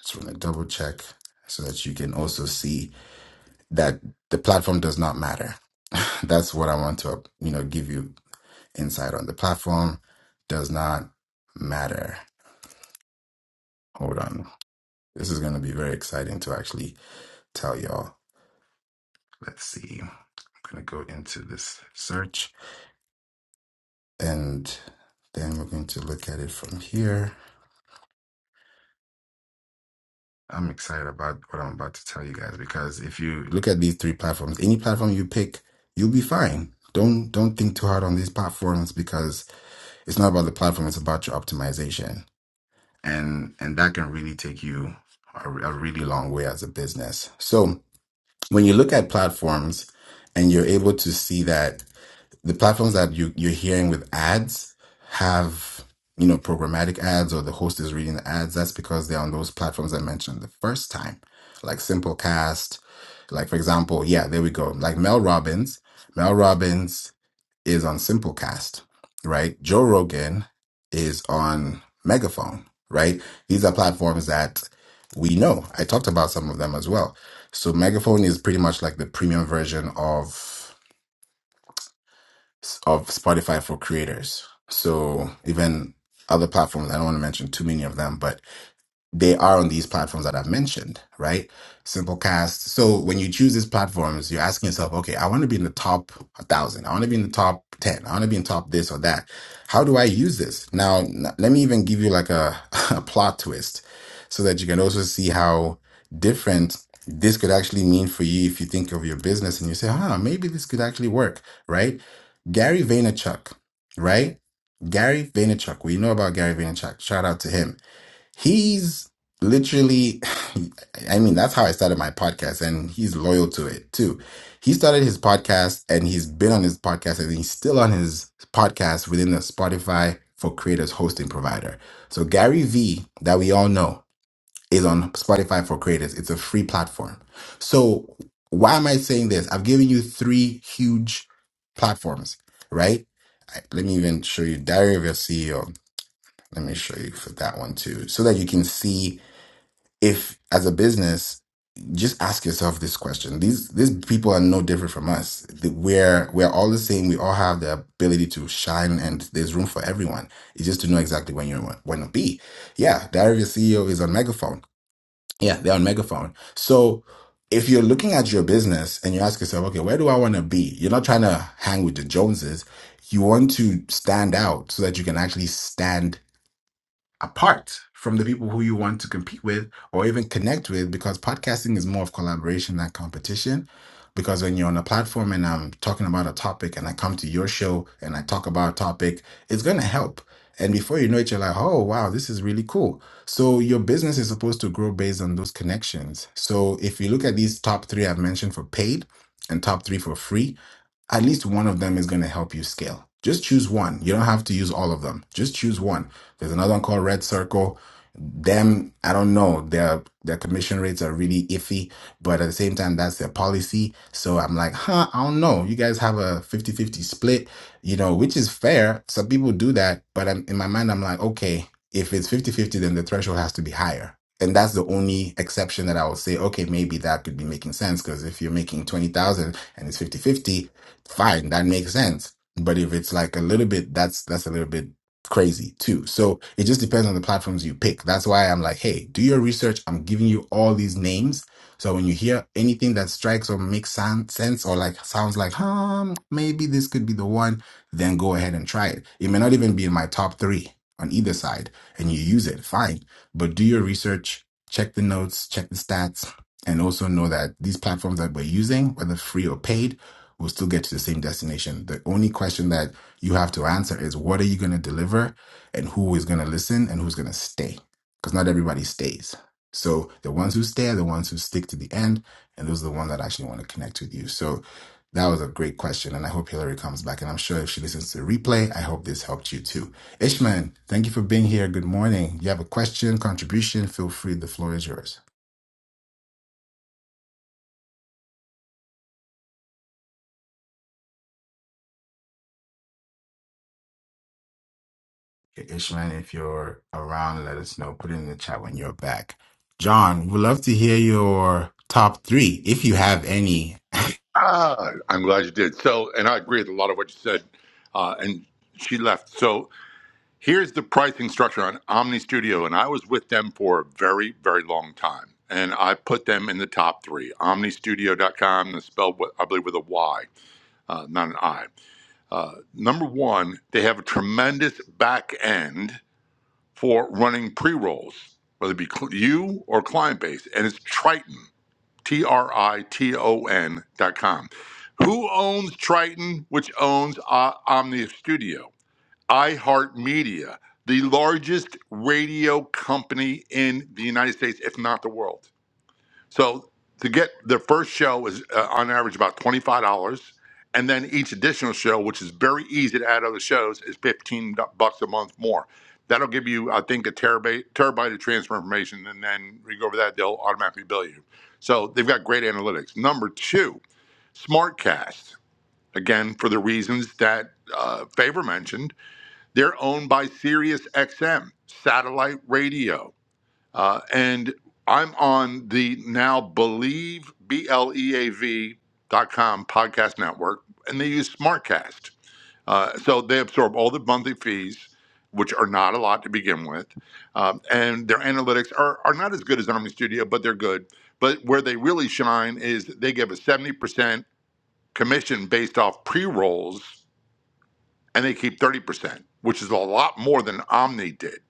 A: Just want to double check so that you can also see that the platform does not matter. That's what I want to, you know, give you insight on. The platform does not matter. Hold on. This is going to be very exciting to actually tell y'all. Let's see. I'm going to go into this search and then we're going to look at it from here. I'm excited about what I'm about to tell you guys because if you look at these three platforms, any platform you pick, you'll be fine. Don't don't think too hard on these platforms because it's not about the platform, it's about your optimization. And and that can really take you a, a really long way as a business. So, when you look at platforms and you're able to see that the platforms that you you're hearing with ads have you know programmatic ads or the host is reading the ads that's because they're on those platforms i mentioned the first time like simplecast like for example yeah there we go like mel robbins mel robbins is on simplecast right joe rogan is on megaphone right these are platforms that we know i talked about some of them as well so megaphone is pretty much like the premium version of s- of Spotify for creators. So even other platforms, I don't want to mention too many of them, but they are on these platforms that I've mentioned, right? Simplecast. So when you choose these platforms, you're asking yourself, okay, I want to be in the top 1,000. I want to be in the top 10. I want to be in top this or that. How do I use this? Now, n- let me even give you like a, a plot twist so that you can also see how different this could actually mean for you if you think of your business and you say, ah, maybe this could actually work, right? Gary Vaynerchuk, right? Gary Vaynerchuk. We know about Gary Vaynerchuk. Shout out to him He's literally, I mean, that's how I started my podcast, and he's loyal to it too. He started his podcast and he's been on his podcast and he's still on his podcast within the Spotify for Creators hosting provider. So, Gary V, that we all know, is on Spotify for Creators. It's a free platform. So, why am I saying this? I've given you three huge platforms, right? I- Let me even show you Diary of Your CEO. Let me show you for that one too, so that you can see if as a business just ask yourself this question these these people are no different from us The- we're we're all the same we all have the ability to shine and there's room for everyone it's just to know exactly when you want to be yeah diary of a ceo is on megaphone yeah they're on megaphone so if you're looking at your business and you ask yourself okay where do i want to be you're not trying to hang with the joneses you want to stand out so that you can actually stand apart from the people who you want to compete with or even connect with because podcasting is more of collaboration than competition because when you're on a platform and I'm talking about a topic and I come to your show and I talk about a topic it's going to help and before you know it you're like oh wow this is really cool so your business is supposed to grow based on those connections so if you look at these top 3 I've mentioned for paid and top 3 for free at least one of them is going to help you scale. Just choose one. You don't have to use all of them. Just choose one. There's another one called Red Circle. Them, I don't know. Their their commission rates are really iffy, but at the same time, that's their policy. So I'm like, huh, I don't know. You guys have a 50-50 split, you know, which is fair. Some people do that, but I'm, in my mind, I'm like, okay, if it's 50-50, then the threshold has to be higher. And that's the only exception that I would say, okay, maybe that could be making sense because if you're making 20,000 and it's 50-50, fine, that makes sense. But if it's like a little bit, that's that's a little bit crazy too. So it just depends on the platforms you pick. That's why I'm like, hey, do your research. I'm giving you all these names. So when you hear anything that strikes or makes sound, sense or like sounds like, hmm, maybe this could be the one, then go ahead and try it. It may not even be in my top three on either side, and you use it, fine. But do your research, check the notes, check the stats, and also know that these platforms that we're using, whether free or paid, will still get to the same destination. The only question that you have to answer is what are you going to deliver and who is going to listen and who's going to stay? Because not everybody stays. So the ones who stay are the ones who stick to the end. And those are the ones that actually want to connect with you. So that was a great question. And I hope Hillary comes back. And I'm sure if she listens to the replay, I hope this helped you too. Ishman, thank you for being here. Good morning. You have a question, contribution, feel free. The floor is yours. Ishman, if you're around, let us know. Put it in the chat when you're back. John, we'd love to hear your top three, if you have any.
B: Ah, I'm glad you did. So, and I agree with a lot of what you said. Uh, and she left. So Here's the pricing structure on Omni Studio, and I was with them for a very, very long time. And I put them in the top three omnistudio.com, that's spelled, with, I believe, with a Y, uh, not an I. Uh, number one, they have a tremendous back end for running pre rolls, whether it be cl- you or client base, and it's Triton, T R I T O N dot com. Who owns Triton, which owns uh, Omni Studio? iHeartMedia, the largest radio company in the United States, if not the world. So to get their first show is uh, on average about $25. And then each additional show, which is very easy to add other shows, is 15 du- bucks a month more. That'll give you, I think, a terabyte, terabyte of transfer information. And then we go over that, they'll automatically bill you. So they've got great analytics. Number two, SmartCast. Again, for the reasons that uh, Favor mentioned, they're owned by Sirius XM, satellite radio. Uh, and I'm on the now Believe, B L E A V dot com podcast network, and they use Smartcast. Uh, so they absorb all the monthly fees, which are not a lot to begin with. Um, and their analytics are, are not as good as Omni-Studio, but they're good. But where they really shine is they give a 70% commission based off pre rolls and they keep 30%, which is a lot more than Omni did.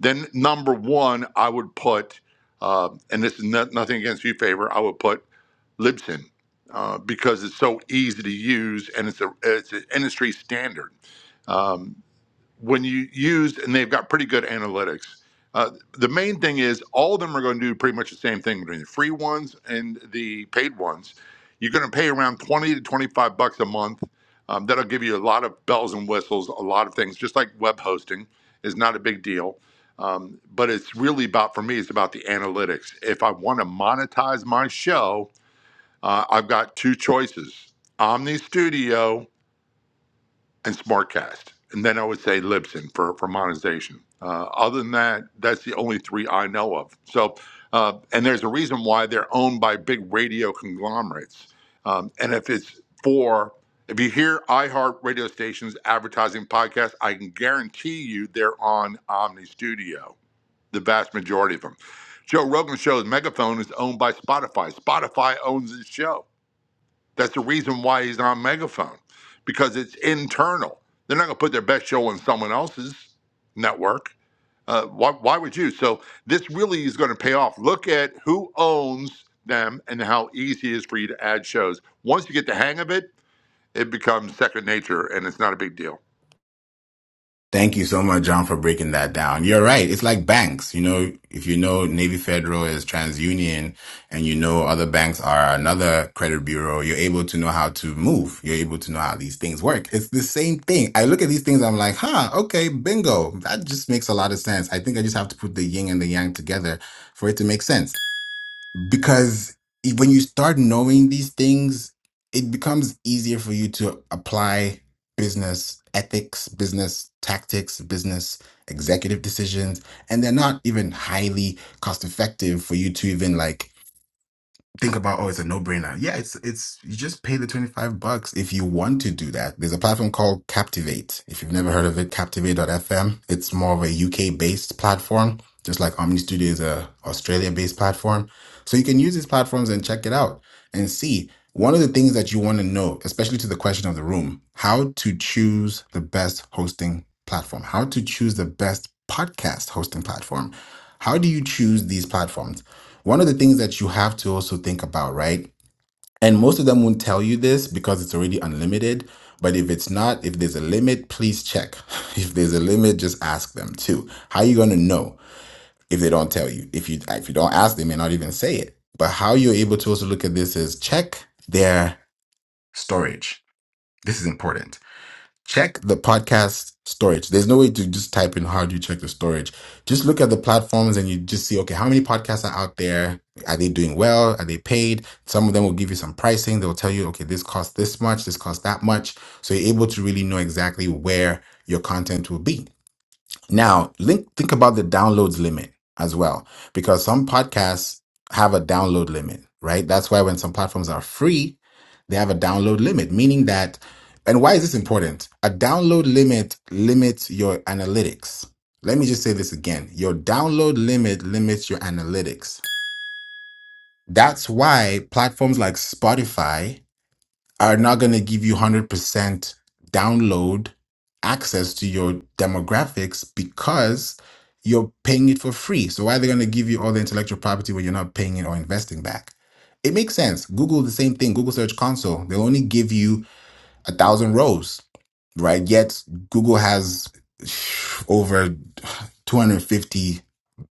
B: Then, number one, I would put, uh, and this is no- nothing against you, Favor, I would put Libsyn uh, because it's so easy to use and it's, a, it's an industry standard. Um, when you used, and they've got pretty good analytics. Uh, the main thing is all of them are going to do pretty much the same thing between the free ones and the paid ones. You're going to pay around 20 to 25 bucks a month. Um, that'll give you a lot of bells and whistles, a lot of things, just like web hosting is not a big deal. Um, but it's really about, for me, it's about the analytics. If I want to monetize my show, uh, I've got two choices Omni Studio and Smartcast, and then I would say Libsyn for for monetization. Uh, other than that, that's the only three I know of. So, uh, and there's a reason why they're owned by big radio conglomerates. Um, and if it's for if you hear iHeart radio stations advertising podcasts, I can guarantee you they're on Omni Studio, the vast majority of them. Joe Rogan show's Megaphone is owned by Spotify. Spotify owns his show. That's the reason why he's on Megaphone, because it's internal. They're not going to put their best show on someone else's network. Uh, why, why would you? So this really is going to pay off. Look at who owns them and how easy it is for you to add shows. Once you get the hang of it, it becomes second nature, and it's not a big deal.
A: Thank you so much, John, for breaking that down. You're right. It's like banks. You know, if you know Navy Federal is TransUnion and you know other banks are another credit bureau, you're able to know how to move. You're able to know how these things work. It's the same thing. I look at these things, I'm like, huh, okay, bingo. That just makes a lot of sense. I think I just have to put the yin and the yang together for it to make sense. because e, when you start knowing these things, it becomes easier for you to apply business ethics, business tactics, business executive decisions, and they're not even highly cost effective for you to even like think about oh it's a no-brainer yeah it's it's you just pay the 25 bucks if you want to do that there's a platform called captivate if you've never heard of it captivate.fm it's more of a uk based platform just like omni studio is a australia based platform so you can use these platforms and check it out and see one of the things that you want to know especially to the question of the room how to choose the best hosting platform how to choose the best podcast hosting platform how do you choose these platforms one of the things that you have to also think about, right? And most of them won't tell you this because it's already unlimited. But if it's not, if there's a limit, please check. If there's a limit, just ask them too. How are you gonna know if they don't tell you? If you if you don't ask, they may not even say it. But how you're able to also look at this is check their storage. This is important check the podcast storage. There's no way to just type in how do you check the storage. Just look at the platforms and you just see, okay, how many podcasts are out there? Are they doing well? Are they paid? Some of them will give you some pricing. They'll tell you, okay, this costs this much, this costs that much. So you're able to really know exactly where your content will be. Now, link, think about the downloads limit as well, because some podcasts have a download limit, right? That's why when some platforms are free, they have a download limit, meaning that, and why is this important? A download limit limits your analytics. Let me just say this again. Your download limit limits your analytics. That's why platforms like Spotify are not going to give you 100% download access to your demographics because you're paying it for free. So why are they going to give you all the intellectual property when you're not paying it or investing back? It makes sense. Google the same thing. Google Search Console. They'll only give you a thousand rows, right? Yet Google has over 250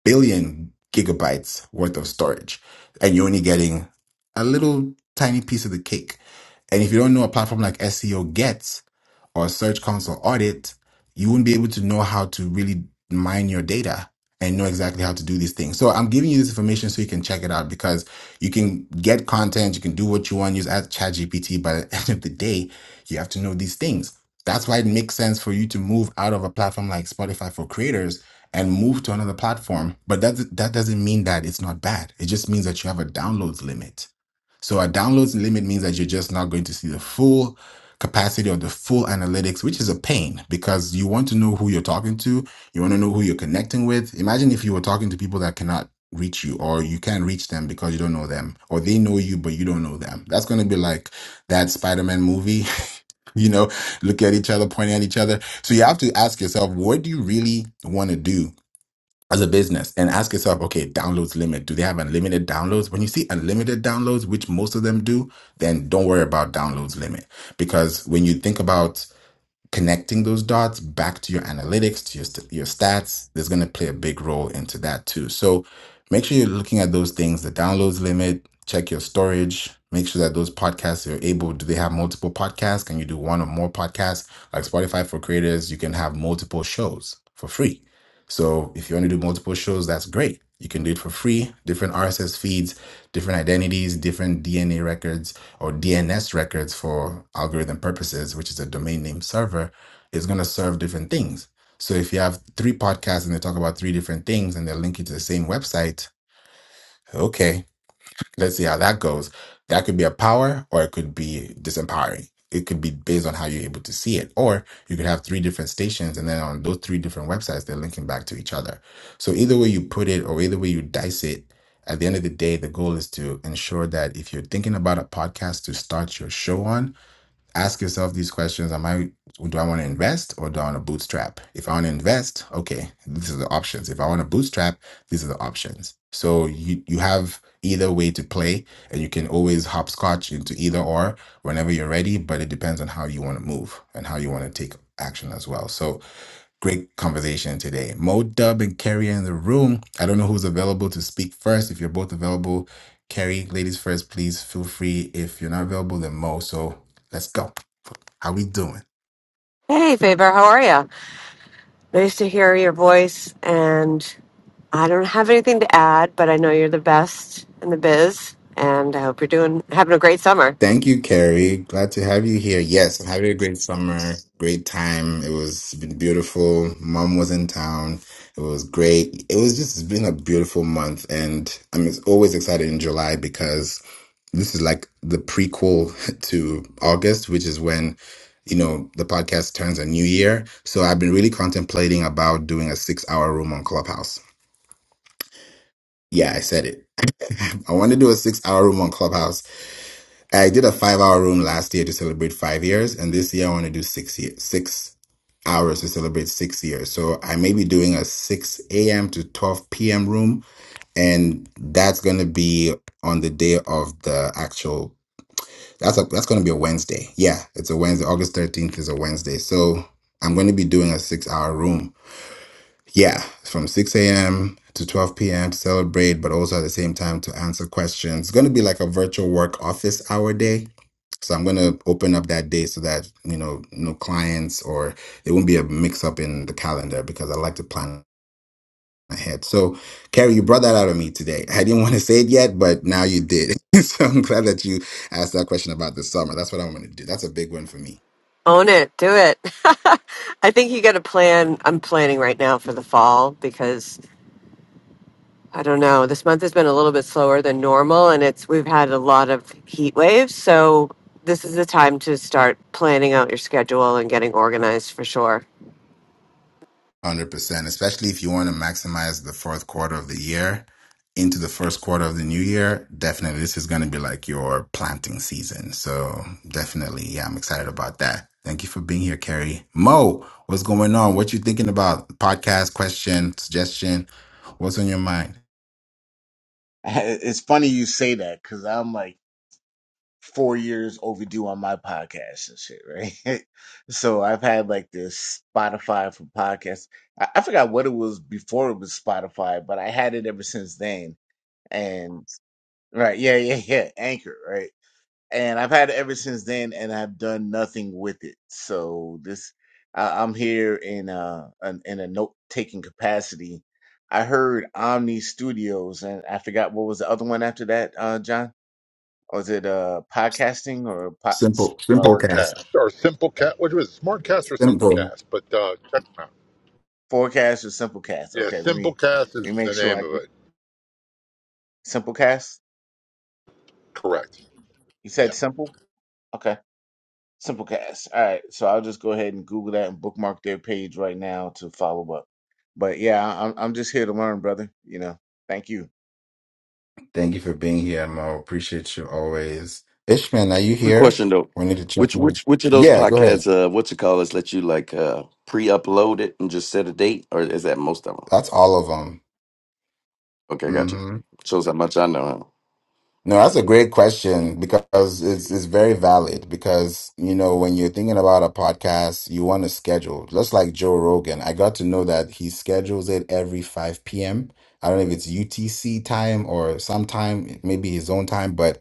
A: billion gigabytes worth of storage, and you're only getting a little tiny piece of the cake. And if you don't know a platform like SEO gets, or a search console audit, you wouldn't be able to know how to really mine your data and know exactly how to do these things. So I'm giving you this information so you can check it out because you can get content, you can do what you want, use at ChatGPT, but at the end of the day, you have to know these things. That's why it makes sense for you to move out of a platform like Spotify for creators and move to another platform. But that that doesn't mean that it's not bad. It just means that you have a downloads limit. So a downloads limit means that you're just not going to see the full capacity or the full analytics, which is a pain because you want to know who you're talking to. You want to know who you're connecting with. Imagine if you were talking to people that cannot reach you or you can't reach them because you don't know them or they know you, but you don't know them. That's going to be like that Spider-Man movie, you know, look at each other, point at each other. So you have to ask yourself, what do you really want to do? as a business and ask yourself, okay, downloads limit. Do they have unlimited downloads? When you see unlimited downloads, which most of them do, then don't worry about downloads limit. Because when you think about connecting those dots back to your analytics, to your, st- your stats, there's going to play a big role into that too. So make sure you're looking at those things, the downloads limit, check your storage, make sure that those podcasts are able, do they have multiple podcasts? Can you do one or more podcasts? Like Spotify for creators, you can have multiple shows for free so if you want to do multiple shows, that's great. You can do it for free, different RSS feeds, different identities, different DNA records or DNS records for algorithm purposes, which is a domain name server, is going to serve different things. So if you have three podcasts and they talk about three different things and they're linking to the same website, okay, Let's see how that goes. That could be a power or it could be disempowering. It could be based on how you're able to see it. Or you could have three different stations and then on those three different websites, they're linking back to each other. So either way you put it or either way you dice it, at the end of the day, the goal is to ensure that if you're thinking about a podcast to start your show on, ask yourself these questions am i do i want to invest or do i want to bootstrap if i want to invest okay these are the options if i want to bootstrap these are the options so you you have either way to play and you can always hopscotch into either or whenever you're ready but it depends on how you want to move and how you want to take action as well so great conversation today mo dub and kerry are in the room i don't know who's available to speak first if you're both available kerry ladies first please feel free if you're not available then mo so let's go how we doing?
F: Hey, Faber, how are you? Nice to hear your voice. And I don't have anything to add, but I know you're the best in the biz, and I hope you're doing having a great summer.
A: Thank you, Carrie. Glad to have you here. Yes, I'm having a great summer, great time. It was been beautiful. Mom was in town. It was great. It was just it's been a beautiful month, and I'm ex- always excited in July because this is like the prequel to August, which is when you know the podcast turns a new year. So I've been really contemplating about doing a six hour room on Clubhouse. Yeah, I said it. I want to do a six hour room on Clubhouse I did a five hour room last year to celebrate five years, and this year I want to do six years, six hours to celebrate six years. So I may be doing a 6 a.m. to 12 p.m. room, and that's going to be on the day of the actual. That's a, that's going to be a Wednesday. Yeah, it's a Wednesday. August 13th is a Wednesday. So I'm going to be doing a six hour room yeah, from 6 a.m. to 12 p.m. to celebrate, but also at the same time to answer questions. It's going to be like a virtual work office hour day. So I'm going to open up that day so that, you know, no clients or it won't be a mix up in the calendar because I like to plan ahead. So, Carrie, you brought that out of me today. I didn't want to say it yet, but now you did. so I'm glad that you asked that question about the summer. That's what I want to do. That's a big one for me
F: Own it, do it. I think you got to plan. I'm planning right now for the fall because I don't know. This month has been a little bit slower than normal, and it's we've had a lot of heat waves, so this is the time to start planning out your schedule and getting organized for sure.
A: 100%, especially if you want to maximize the fourth quarter of the year into the first quarter of the new year. Definitely, this is going to be like your planting season. So, definitely, yeah, I'm excited about that. Thank you for being here, Carrie. Mo, what's going on? What you thinking about? Podcast question, suggestion? What's on your mind?
G: It's funny you say that because I'm like four years overdue on my podcast and shit, right? so I've had like this Spotify for podcasts. I, I forgot what it was before it was Spotify, but I had it ever since then. And right, yeah, yeah, yeah, Anchor, right? and I've had it ever since then, and I've done nothing with it. So this, I, I'm here in uh an, in a note taking capacity. I heard Omni Studios, and I forgot what was the other one after that. Uh, John, was it uh podcasting or po- s-
A: Simple, simple
G: uh,
A: cast,
B: Smartcast or Simplecast, which was Smartcast or
A: simple.
B: Simplecast, but uh, check them out.
G: forecast or simplecast?
B: Yeah,
G: Okay, let me
B: Simplecast
G: let me
B: is the
G: make sure I
B: name of
G: get
B: it.
G: simplecast.
B: Correct.
G: You
B: Yeah,
G: said simple. okay. Simplecast. All right, so I'll just go ahead and Google that and bookmark their page right now to follow up. But yeah, I- am I'm just here to learn, brother. You know, thank you.
A: Thank you for being here, Mo. Appreciate you always. Ishman, are you
D: Quick
A: here?
D: question though.
A: We need to check.
D: Which
A: in.
D: which which of those
A: Yeah, go ahead.
D: podcasts uh what you call us let you like uh pre-upload it and just set a date or is that most of them?
A: That's all of
D: Okay, gotcha.
A: them.
D: Shows how much I know.
A: No, that's a great question because it's it's very
D: Huh?
A: valid because you know when you're thinking about a podcast, you want to schedule. Just like Joe Rogan, I got to know that he schedules it every 5 p.m. I don't know if it's UTC time or sometime, maybe his own time, but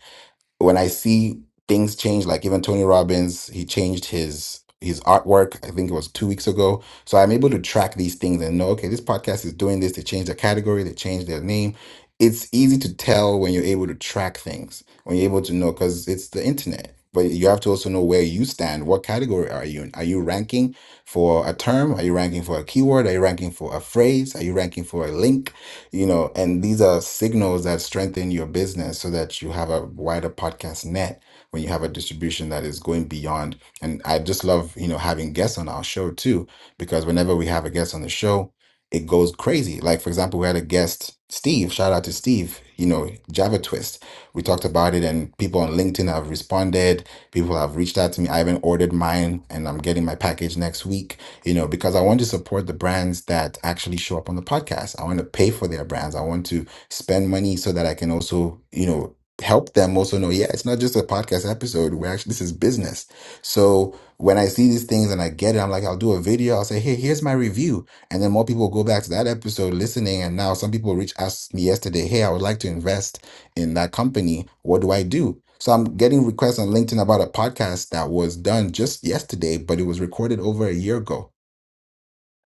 A: when I see things change, like even Tony Robbins, he changed his his artwork. I think it was two weeks ago. So I'm able to track these things and know, okay, this podcast is doing this. They changed the category. They changed their name. It's easy to tell when you're able to track things. When you're able to know, because it's the internet. But you have to also know where you stand. What category are you in? Are you ranking for a term? Are you ranking for a keyword? Are you ranking for a phrase? Are you ranking for a link? you know, and these are signals that strengthen your business so that you have a wider podcast net when you have a distribution that is going beyond. And I just love, you know, having guests on our show too, because whenever we have a guest on the show, it goes crazy. Like, for example, we had a guest, Steve, shout out to Steve, you know, Java Twist. We talked about it, and people on LinkedIn have responded. People have reached out to me. I haven't ordered mine, and I'm getting my package next week you know, because I want to support the brands that actually show up on the podcast. I want to pay for their brands. I want to spend money so that I can also, you know, help them also know, yeah, it's not just a podcast episode. We're actually, this is business. So when I see these things and I get it, I'm like, I'll do a video. I'll say, hey, here's my review. And then more people go back to that episode listening. And now some people reach asked me yesterday, hey, I would like to invest in that company. What do I do? So I'm getting requests on LinkedIn about a podcast that was done just yesterday, but it was recorded over a year ago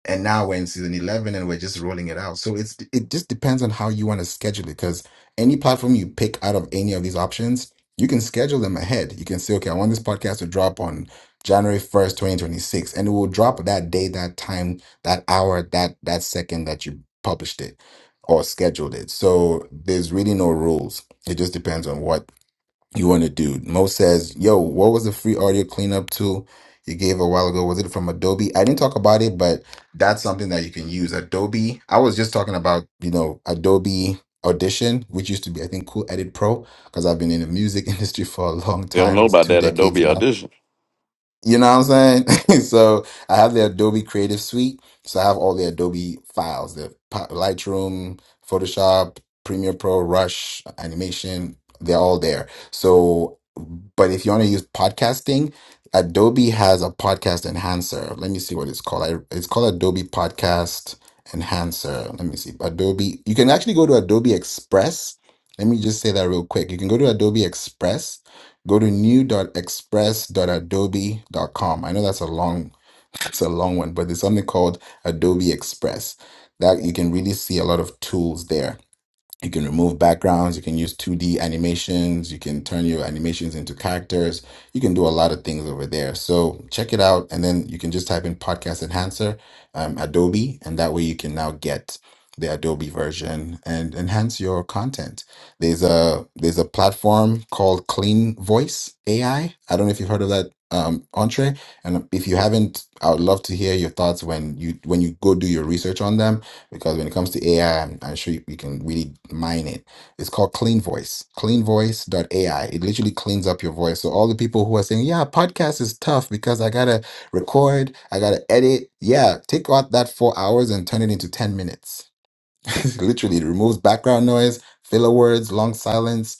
A: and now we're in season 11 and we're just rolling it out so it's it just depends on how you want to schedule it because any platform you pick out of any of these options you can schedule them ahead you can say okay i want this podcast to drop on january 1st 2026 and it will drop that day that time that hour that that second that you published it or scheduled it so there's really no rules it just depends on what you want to do. Mo says, "Yo, what was the free audio cleanup tool you gave a while ago? Was it from Adobe? I didn't talk about it, but that's something that you can use. Adobe. I was just talking about you know Adobe Audition, which used to be I think Cool Edit Pro, because I've been in the music industry for a long
D: They don't
A: time.
D: know
A: It's
D: about
A: two
D: that
A: decades
D: Adobe
A: now.
D: Audition.
A: You know what I'm saying? so I have the Adobe Creative Suite. So I have all the Adobe files, the Pa- Lightroom, Photoshop, Premiere Pro, Rush, Animation. They're all there. So but if you want to use podcasting, Adobe has a podcast enhancer. Let me see what it's called. I, it's called Adobe Podcast Enhancer. Let me see. Adobe. You can actually go to Adobe Express. Let me just say that real quick. You can go to Adobe Express. Go to new.express.adobe dot com. I know that's a long, it's a long one, but there's something called Adobe Express that you can really see a lot of tools there. You can remove backgrounds, you can use 2D animations, you can turn your animations into characters. You can do a lot of things over there. So check it out. And then you can just type in Podcast Enhancer, um, Adobe, and that way you can now get the Adobe version and enhance your content. There's a there's a platform called Clean Voice AI. I I don't know if you've heard of that um entree. And if you haven't, I would love to hear your thoughts when you when you go do your research on them because when it comes to AI, I'm, I'm sure you, you can really mine it. It's called Clean Voice, Clean Voice dot AI. It literally cleans up your voice. So all the people who are saying, yeah, podcast is tough because I got to record, I got to edit. Yeah, take out that four hours and turn it into 10 minutes. literally, it removes background noise, filler words, long silence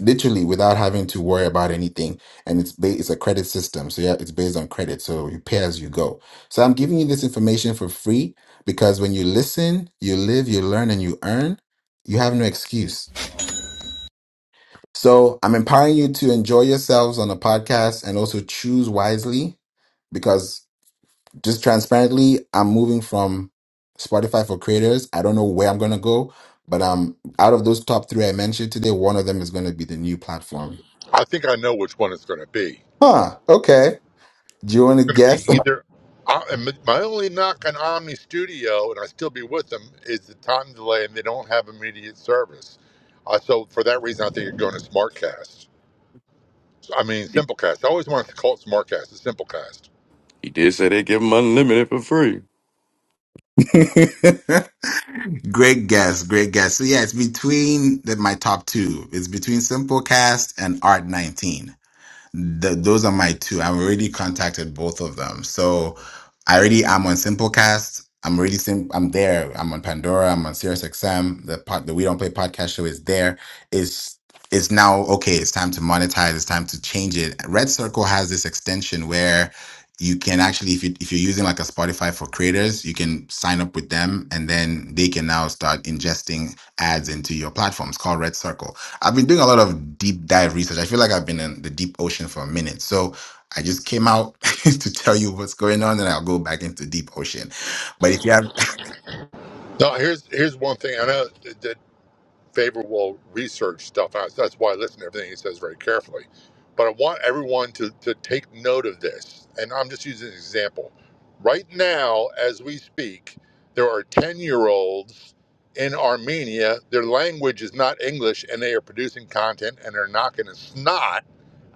A: literally without having to worry about anything and it's ba- it's a credit system so yeah it's based on credit so you pay as you go so i'm giving you this information for free because when you listen you live you learn and you earn you have no excuse so i'm empowering you to enjoy yourselves on the podcast and also choose wisely because just transparently i'm moving from spotify for creators i don't know where i'm going to go but um out of those top three i mentioned today one of them is going to be the new platform
B: I think I know which one it's going to be.
A: huh okay Do you want to
B: going to be
A: guess?
B: either. Uh, and my my only knock on Omni Studio, and I still be with them, is the time delay, and they don't have immediate service. Uh, so for that reason, I think you're going to Smartcast. So, I mean,
D: He,
B: Simplecast. I always wanted to call it Smartcast. It's Simplecast.
D: he did say they give them unlimited for free.
A: great guess, great guess. So yeah, it's between the, my top two. It's between Simplecast and Art19. Th- those are my two. I've already contacted both of them. So I already am on Simplecast. I'm already sim- I'm there. I'm on Pandora. I'm on SiriusXM. The pod, the We Don't Play podcast show is there. It's it's now okay. It's time to monetize. It's time to change it. Red Circle has this extension where you can actually if you if you're using like a Spotify for creators, you can sign up with them and then they can now start ingesting ads into your platform. It's called Red Circle. I've been doing a lot of deep dive research. I feel like I've been in the deep ocean for a minute. So I just came out to tell you what's going on, and I'll go back into deep ocean. But if you have
B: Now, here's here's one thing. I know. favorable research stuff. And I- That's why I listen to everything he says very carefully. But I want everyone to, to take note of this. And I'm just using an example. Right now, as we speak, there are 10 year olds in Armenia. Their language is not English, and they are producing content and they're knocking a snot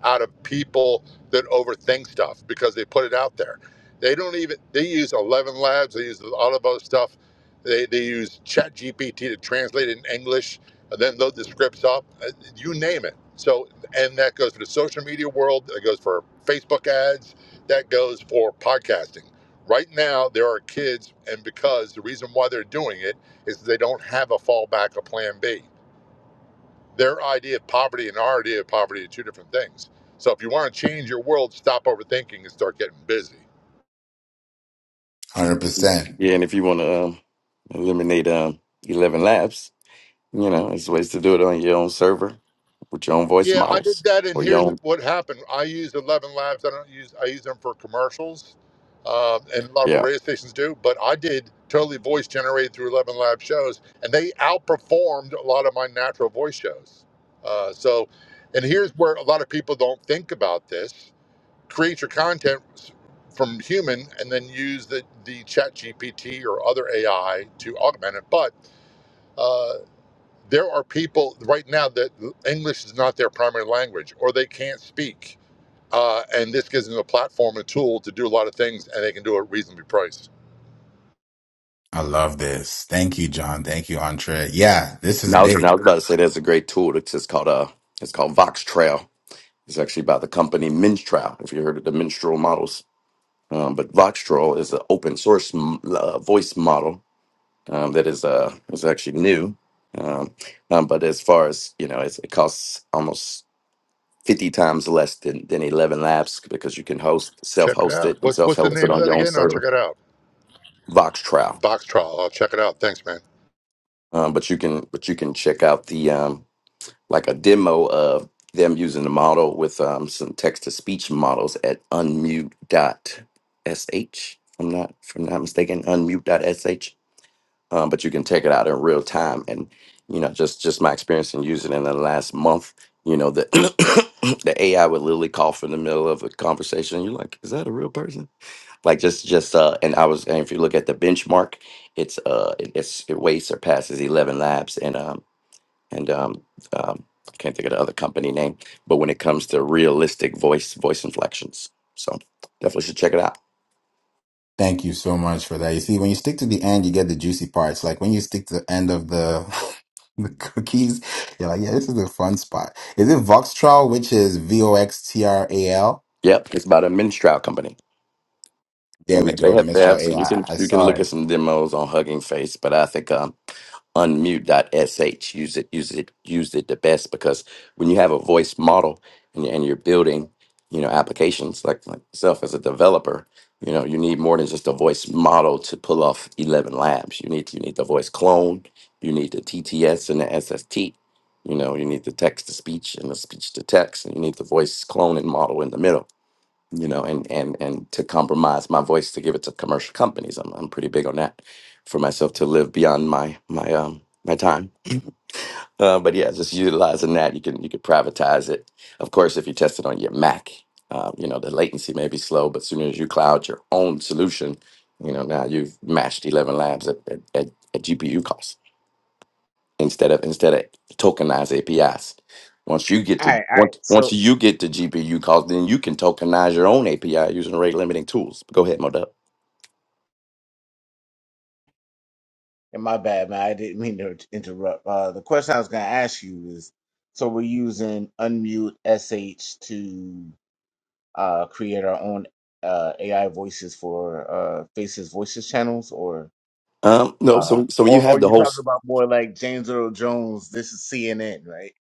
B: out of people that overthink stuff because they put it out there. They don't even they use Eleven Labs, they use all of other stuff. They they use ChatGPT to translate it in English and then load the scripts up. uh, You name it. So and that goes for the social media world, that goes for Facebook ads, that goes for podcasting. Right now there are kids and because the reason why they're doing it is they don't have a fallback, a plan B their idea of poverty and our idea of poverty are two different things. So if you want to change your world, stop overthinking and start getting busy.
A: 100%,
D: Yeah, and if you want to um, eliminate um, 11 laps, You know, there's ways to do it on your own server with your own voice
B: Yeah, I did
D: models
B: that, and
D: or your
B: here's
D: own.
B: what happened. I used Eleven Labs. I don't use. I use them for commercials, um, and a lot of
D: Yeah.
B: radio stations do. But I did totally voice generated through Eleven Lab shows, and they outperformed a lot of my natural voice shows. Uh, so, and here's where a lot of people don't think about this create your content from human and then use the, the chat gpt or other ai to augment it but uh, there are people right now that english is not their primary language or they can't speak uh, and this gives them a platform a tool to do a lot of things and they can do it at reasonably priced
A: I love this. Thank you, John. Thank you, Entre. Yeah, this is
D: Now, I was-
A: big.
D: now I was about to say there's a great tool. It's just called uh, it's called Voxtrail. It's actually by the company Minstrel. If you heard of the Minstrel models, um, but Voxtrail is an open source m- uh, voice model um, that is uh is actually new. Um, um, but as far as you know, it's, it costs almost fifty times less than than Eleven Labs because you can host self
B: check it
D: host
B: out
D: it and
B: what's,
D: self
B: what's the
D: host it
B: name of
D: on
B: that
D: your own
B: again i'll check
D: server.
B: it out
D: Voxtrail.
B: box trial i'll check it out thanks man
D: Um, but you can but you can check out the um, like a demo of them using the model with um, some text to speech models at unmute.sh. I'm not if I'm not mistaken, unmute.sh. Um, but you can take it out in real time, and you know just just my experience in using it in the last month. You know the the AI would literally cough in the middle of a conversation. You're like, is that a real person? like just just uh and i was and if you look at the benchmark it's uh it, it's it way surpasses 11 labs and um and um, um i can't think of the other company name but when it comes to realistic voice voice inflections so definitely should check it out
A: Thank you so much for that. You see, when you stick to the end, you get the juicy parts. Like when you stick to the end of the the cookies, you're like, yeah, this is the fun spot. Is it Voxtral, which is V O X T R A L?
D: yep it's about a minstrel company
A: There
D: and
A: we
D: they they
A: go,
D: have, they
A: Mistral
D: have so
A: AI.
D: you can
A: I I
D: you can
A: saw
D: look
A: it.
D: at some demos on hugging face but i think um unmute.sh. Use it, use it, use it the best because when you have a voice model and, you- and you're building, you know, applications like like myself as a developer, you know, you need more than just a voice model to pull off 11 labs. You need you need the voice clone, you need the TTS and the SST. You know, you need the text to speech and the speech to text, and you need the voice clone and model in the middle you know, and and and to compromise my voice to give it to commercial companies. I'm I'm pretty big on that for myself to live beyond my my um my time. Uh, but yeah, just utilizing that, you can you can privatize it. Of course, if you test it on your Mac, uh, you know the latency may be slow, but as soon as you cloud your own solution, you know now you've matched Eleven Labs at at, at, at GPU cost instead of instead of tokenized APIs. Once you get
G: All right,
D: to
G: all right.
D: once once
G: So,
D: you get to GPU calls, then you can tokenize your own API using rate limiting tools. Go ahead, Modell.
G: and my bad, man. I didn't mean to interrupt. Uh, the question I was going to ask you is, so we're using Unmute SH to uh, create our own uh, AI voices for uh, Faces Voices channels, or
D: Um, no,
G: uh,
D: so so when you
G: or
D: have
G: or
D: the
G: you
D: whole
G: talking
D: s-
G: about more like James Earl Jones? This is CNN, right?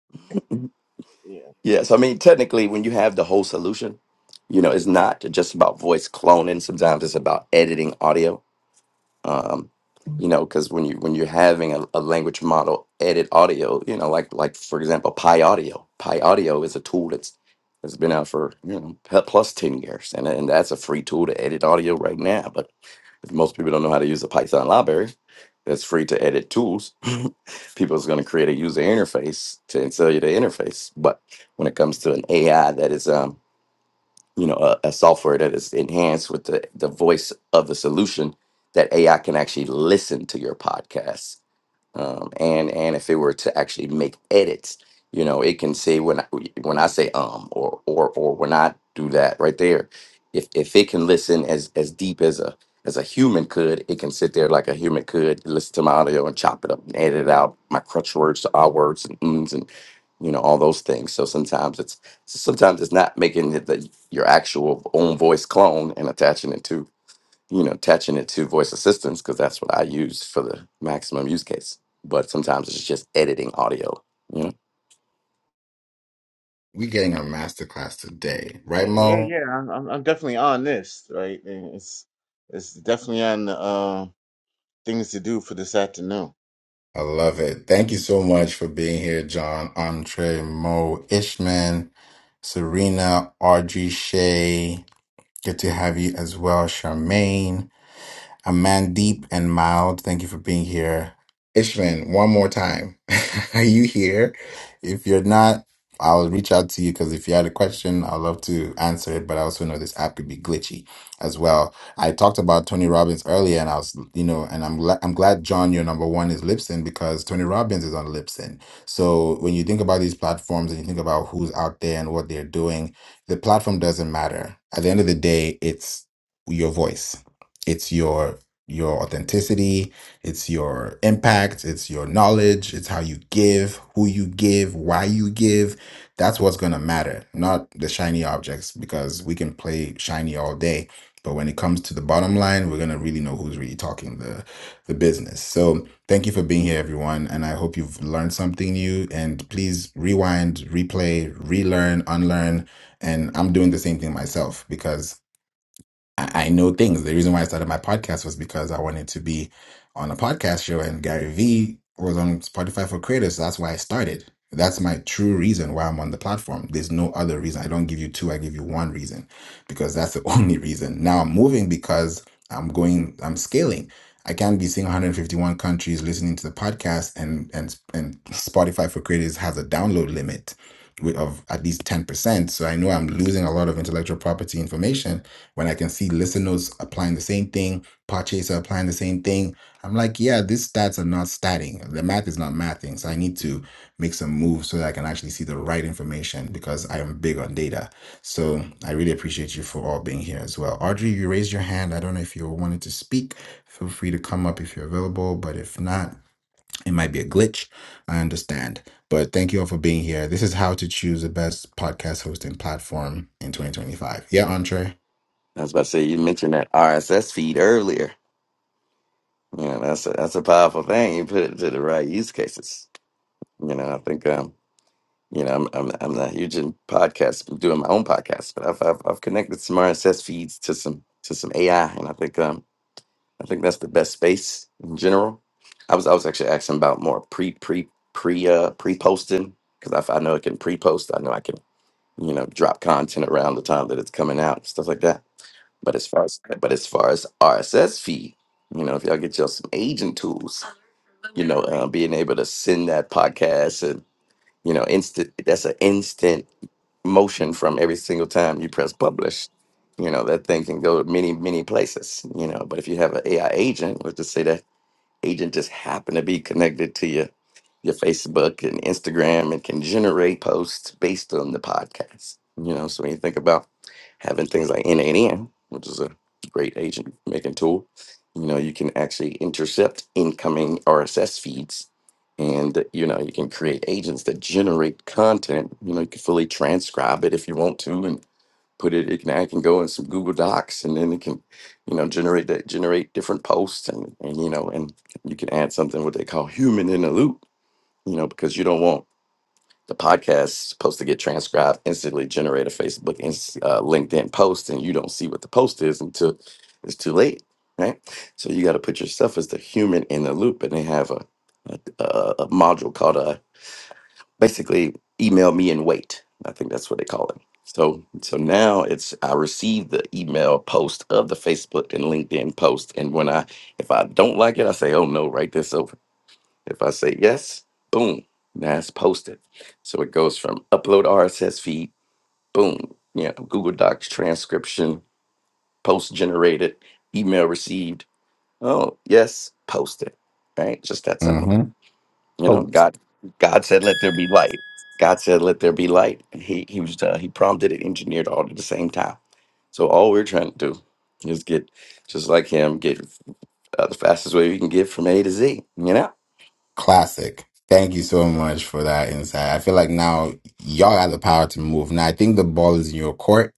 D: yeah, so I mean technically when you have the whole solution, you know, it's not just about voice cloning. Sometimes it's about editing audio um, you know because when you when you're having a, a language model edit audio you know like like for example pi audio pi audio is a tool that's that's been out for you know pe- plus 10 years and, and that's a free tool to edit audio right now but if most people don't know how to use a python library that's free to edit tools people's going to create a user interface to and sell you the interface but when it comes to an ai that is um you know a, a software that is enhanced with the, the voice of the solution that ai can actually listen to your podcast um, and and if it were to actually make edits, you know, it can say when I, when I say um or or or when I do that right there, if if it can listen as as deep as a as a human could, it can sit there like a human could listen to my audio and chop it up and edit out my crutch words to our words and ums and you know all those things. So sometimes it's sometimes it's not making it the, your actual own voice clone and attaching it to you know, attaching it to voice assistants because that's what I use for the maximum use case. But sometimes it's just editing audio. You know,
A: we getting a masterclass today,
G: Yeah,
A: right,
G: yeah,
A: Mo?
G: yeah. I'm, I'm, I'm definitely on this, right? And it's, it's definitely on uh, things to do for this afternoon.
A: I love it. Thank you so much for being here, John, Andre, Mo, Ishman, Serena, Audrey, Shay. Good to have you as well, Charmaine. A man deep and Mild, thank you for being here. Ishman, one more time. Are you here? If you're not, I'll reach out to you because if you had a question, I'd love to answer it. But I also know this app could be glitchy as well. I talked about Tony Robbins earlier, and I was, you know, and I'm glad I'm glad John, your number one is Lipson because Tony Robbins is on Lipson. So when you think about these platforms and you think about who's out there and what they're doing, the platform doesn't matter. At the end of the day, it's your voice it's your your authenticity it's your impact it's your knowledge it's how you give who you give why you give that's what's going to matter not the shiny objects because we can play shiny all day but when it comes to the bottom line we're going to really know who's really talking the the business so thank you for being here everyone and i hope you've learned something new and please rewind replay relearn unlearn and i'm doing the same thing myself because I, I know things. The reason why I started my podcast was because I wanted to be on a podcast show, and Gary Vee was on Spotify for Creators. So that's why I started. That's my true reason why I'm on the platform. There's no other reason. I don't give you two, I give you one reason because that's the only reason. Now I'm moving because I'm going, I'm scaling. I can't be seeing 151 countries listening to the podcast, and and and Spotify for Creators has a download limit of at least 10%. So I know I'm losing a lot of intellectual property information when I can see listeners applying the same thing, Podchaser applying the same thing. I'm like, yeah, these stats are not statting. The math is not mathing. So I need to make some moves so that I can actually see the right information because I am big on data. So I really appreciate you for all being here as well. Audrey, you raised your hand. I don't know if you wanted to speak. Feel free to come up if you're available. But if not, it might be a glitch. I understand. But thank you all for being here. This is how to choose the best podcast hosting platform in 2025. Yeah, Entree.
D: I was about to say you mentioned that RSS feed earlier. You know, that's a, that's a powerful thing. You put it to the right use cases. You know, I think um, you know, I'm I'm I'm not huge in podcasts, I'm doing my own podcast, but I've I've, I've connected some RSS feeds to some to some AI, and I think um, I think that's the best space in general. I was I was actually asking about more pre pre pre uh pre posting because I I know it can pre post. I know I can you know drop content around the time that it's coming out and stuff like that. But as far as but as far as RSS feed, you know, if y'all get y'all some agent tools, you know, uh, being able to send that podcast and you know instant that's an instant motion from every single time you press publish. You know, that thing can go to many, many places, you know. But if you have an AI agent, let's just say that agent just happen to be connected to your your Facebook and Instagram and can generate posts based on the podcast. You know, so when you think about having things like NAN, which is a great agent making tool, you know, you can actually intercept incoming RSS feeds and you know you can create agents that generate content you know you can fully transcribe it if you want to and put it, it can, I can go in some Google Docs and then it can, you know, generate that, generate different posts and, and, you know, and you can add something what they call human in the loop, you know, because you don't want the podcast supposed to get transcribed instantly, generate a Facebook, and uh, LinkedIn post, and you don't see what the post is until it's too late, right? So you got to put yourself as the human in the loop and they have a, a, a a module called a basically email me and wait. I think that's what they call it. So so now it's I receive the email post of the Facebook and LinkedIn post. And when I if I don't like it, I say, oh no, write this over. If I say yes, boom, now it's posted. So it goes from upload RSS feed, boom, you know, Google Docs transcription, post generated, email received, oh yes, posted. Right? Just that simple.
A: Mm-hmm.
D: You know, God God said, "Let there be light." God said, "Let there be light." And he he was uh, he prompted it, engineered all at the same time. So all we're trying to do is get just like him, get uh, the fastest way we can get from A to Z. You know,
A: Classic. Thank you so much for that insight. I feel like now y'all have the power to move. Now I think the ball is in your court.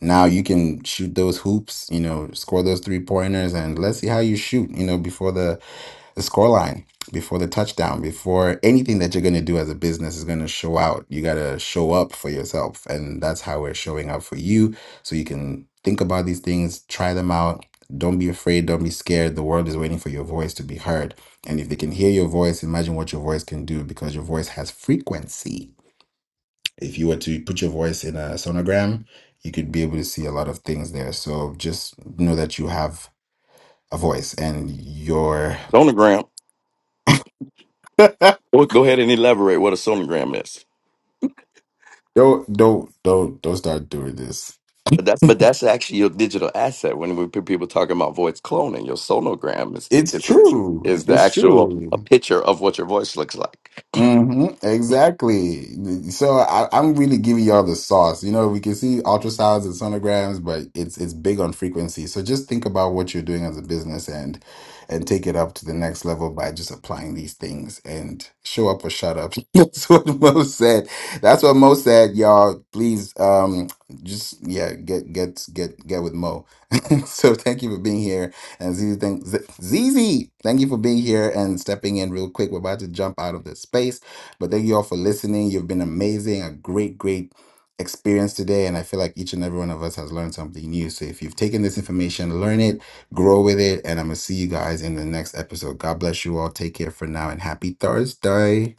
A: Now you can shoot those hoops, you know, score those three pointers and let's see how you shoot, you know, before the the scoreline before the touchdown before anything that you're going to do as a business is going to show out you got to show up for yourself and that's how we're showing up for you so you can think about these things try them out don't be afraid don't be scared the world is waiting for your voice to be heard and if they can hear your voice imagine what your voice can do because your voice has frequency if you were to put your voice in a sonogram you could be able to see a lot of things there so just know that you have a voice and your
D: sonogram. Go, go ahead and elaborate what a sonogram is.
A: Don't don't don't don't start doing this.
D: But that's but that's actually your digital asset. When we pe- people talking about voice cloning, your sonogram is
A: It's
D: is a,
A: true.
D: is the
A: It's
D: actual a
A: true.
D: picture of what your voice looks like.
A: hmm Exactly. So I, I'm really giving y'all the sauce. You know, we can see ultrasounds and sonograms, but it's it's big on frequency. So just think about what you're doing as a business and and take it up to the next level by just applying these things and show up or shut up. That's what Mo said. That's what Mo said, y'all. Please um just yeah, get get get get with Mo. so thank you for being here. And Zizi, thank, Z- Zizi, thank you for being here and stepping in real quick. We're about to jump out of this space, but thank you all for listening. You've been amazing, a great, great experience today. And I feel like each and every one of us has learned something new. So if you've taken this information, learn it, grow with it. And I'm going to see you guys in the next episode. God bless you all. Take care for now and happy Thursday.